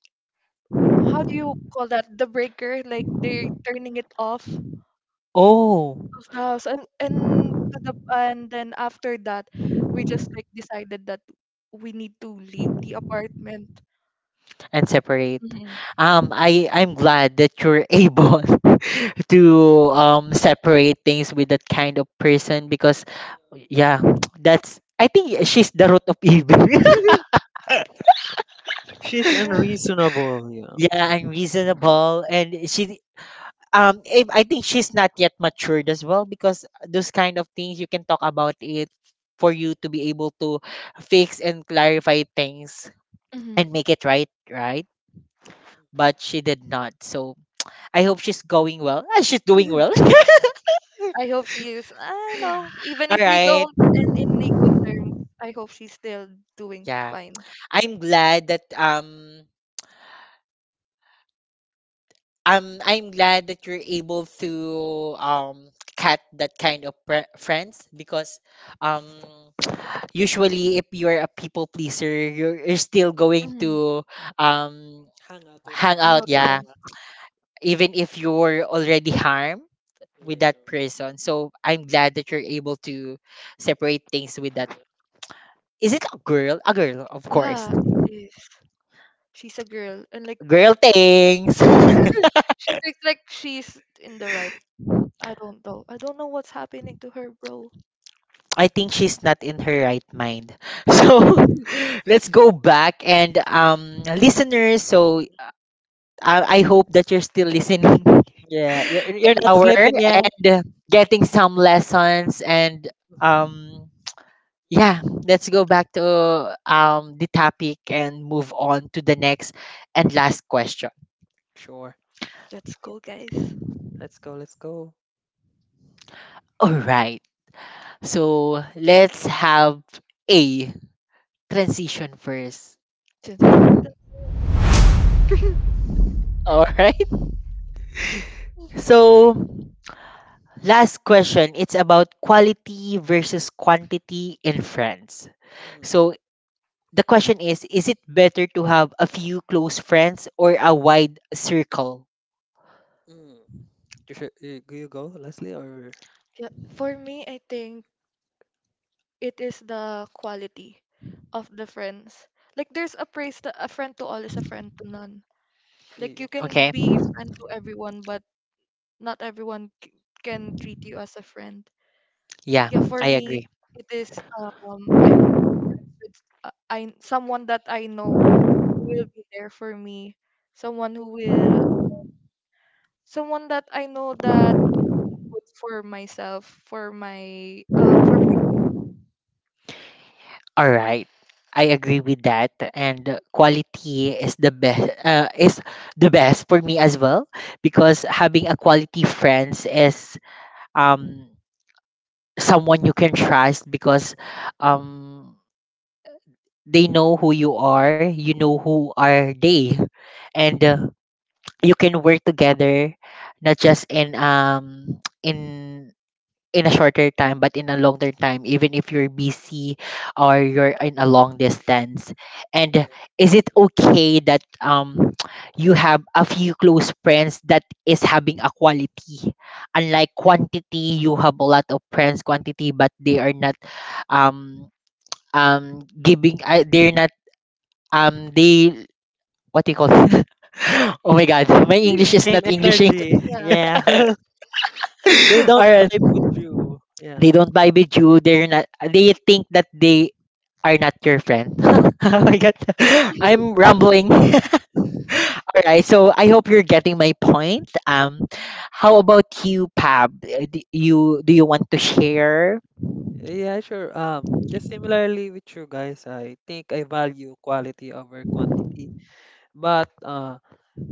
how do you call that, the breaker, like they're turning it off Mm. Oh. of the house. And and then after that, we just like decided that we need to leave the apartment. And separate. Hmm. I'm glad that you're able to separate things with that kind of person because, yeah, that's I think she's the root of evil. She's Yeah. unreasonable, yeah. Yeah, unreasonable, and she if- I think she's not yet matured as well because those kind of things you can talk about it for you to be able to fix and clarify things Hmm. and make it right, right? But she did not. So I hope she's going well. Ah, she's doing well. I hope she is. I know even All if we right. don't and in a good terms, I hope she's still doing Yeah. fine. I'm glad that um I'm glad that you're able to um cut that kind of pre- friends because um usually if you're a people pleaser you're still going Hmm. to um Hang out with hang them. I know out they yeah did. even if you're already harmed with that Yeah, person. So I'm glad that you're able to separate things with that. Is it a girl? A girl, of course. Yeah, it is, she's a girl, and like Girl things. she thinks like she's in the right. I don't know. I don't know what's happening to her, bro. I think she's not in her right mind. yeah. So let's go back and listeners, so I hope that you're still listening Yeah, you're not our sleeping yet. and getting some lessons and um yeah, let's go back to the topic and move on to the next and last question. Sure. Let's go, guys. Let's go, let's go. All right. So let's have a transition first. Dun, dun, dun, dun, All right. So last question. It's about quality versus quantity in friends. Mm, So the question is it better to have a few close friends or a wide circle? mm. You go, Leslie, or Yeah, for me, I think it is the quality of the friends. Like, there's a praise that a friend to all is a friend to none. you Like, you go. can Okay. be friend to everyone, but not can treat you as a friend. Yeah, Yeah, for I me, agree. it is I want with I someone that I know who will be there for me, someone who will, someone that I know that food for myself, for my All right. I agree with that. And quality is the best for me as well because having a quality friends is um someone you can trust because um they know who you are, you know who are they, and you can work together not just in in in a shorter time but in a longer time even if you're busy or you're in a long distance and Yeah. is it okay that you have a few close friends that is having a quality, unlike quantity you have a lot of friends quantity but they are not um um giving they're not they what do you call oh my god, my english is Same not englishing. energy. yeah. Yeah. They All don't right, vibe with you. Yeah. they don't vibe with you, they're not, they think that they are not your friend. Oh my god, I'm rambling. All right, so I hope you're getting my point. How about you, Pab? Do you want to share? Yeah, sure. Just similarly with you guys, I think I value quality over quantity. But uh,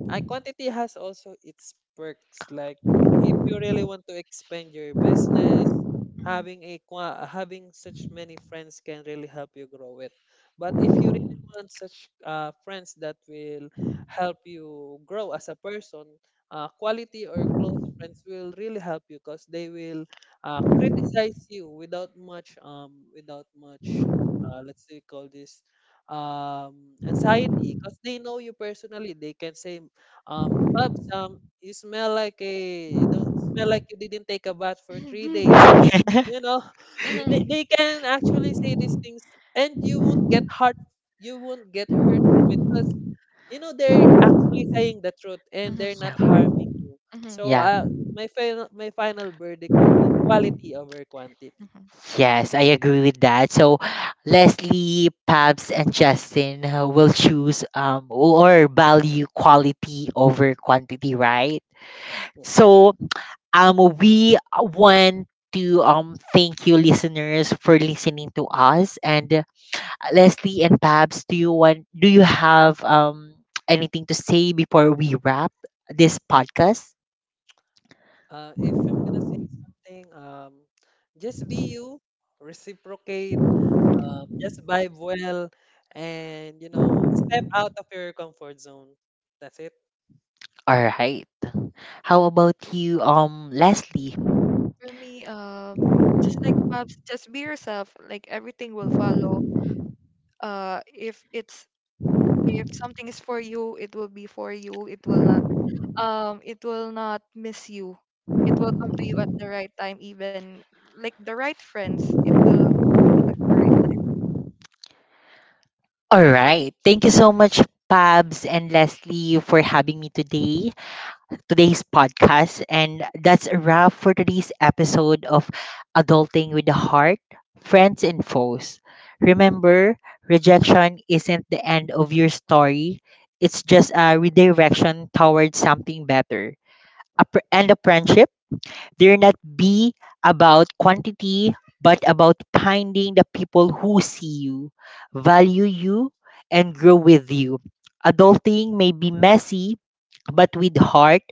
Uh, quantity has also its perks. Like, if you really want to expand your business, Mhm. Having such many friends can really help you grow it. But if you really want such friends that will help you grow as a person, quality or close friends will really help you, because they will criticize you without much, let's say, call this, anxiety, because they know you personally. They can say, Pubs, you smell like a don't smell like you didn't take a bath for 3 days. You know? Y- Mhm, they, they can actually say these things, and you won't get hurt. You won't get hurt from it because you know they're actually saying the truth, and mhm, they're Yeah. not harming you. mhm, So, Yeah. My final verdict would be quality over quantity. mhm. Yes, I agree with that. So Leslie, Pabs, and Justin will choose or value quality over quantity, right? Yeah. So we want to thank you listeners for listening to us and Leslie and Pabs, do you have anything to say before we wrap this podcast? If I'm gonna say something, just be you, reciprocate, just vibe well, and step out of your comfort zone. That's it. All right. How about you, Leslie? For me, just like Pops, just be yourself. Like everything will follow. If it's if something is for you, it will be for you. It will not miss you. It will come to you at the right time, even like the right friends, it will come to you at the right time. All right. Thank you so much, Pabs and Leslie, for having me today, today's podcast. And that's a wrap for today's episode of Adulting with the Heart, Friends and Foes. Remember, rejection isn't the end of your story, it's just a redirection towards something better. A pr- and a friendship, they're not be about quantity, but about finding the people who see you, value you, and grow with you. Adulting may be messy, but with heart,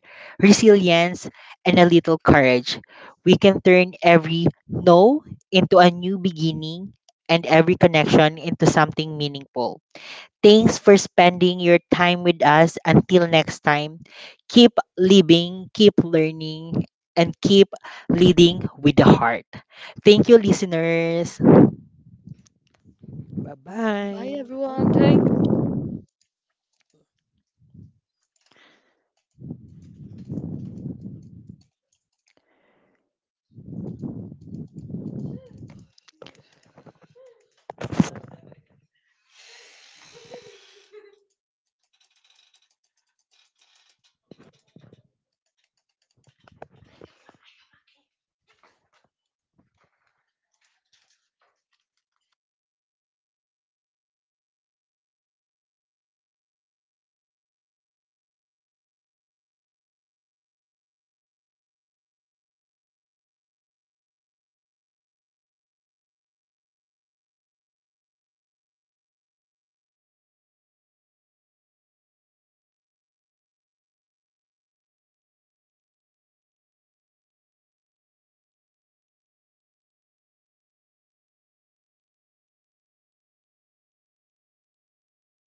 resilience, and a little courage, we can turn every no into a new beginning and every connection into something meaningful. Thanks for spending your time with us. Until next time, keep living, keep learning, and keep leading with the heart. Thank you, listeners. Bye Bye bye. everyone. Thank you.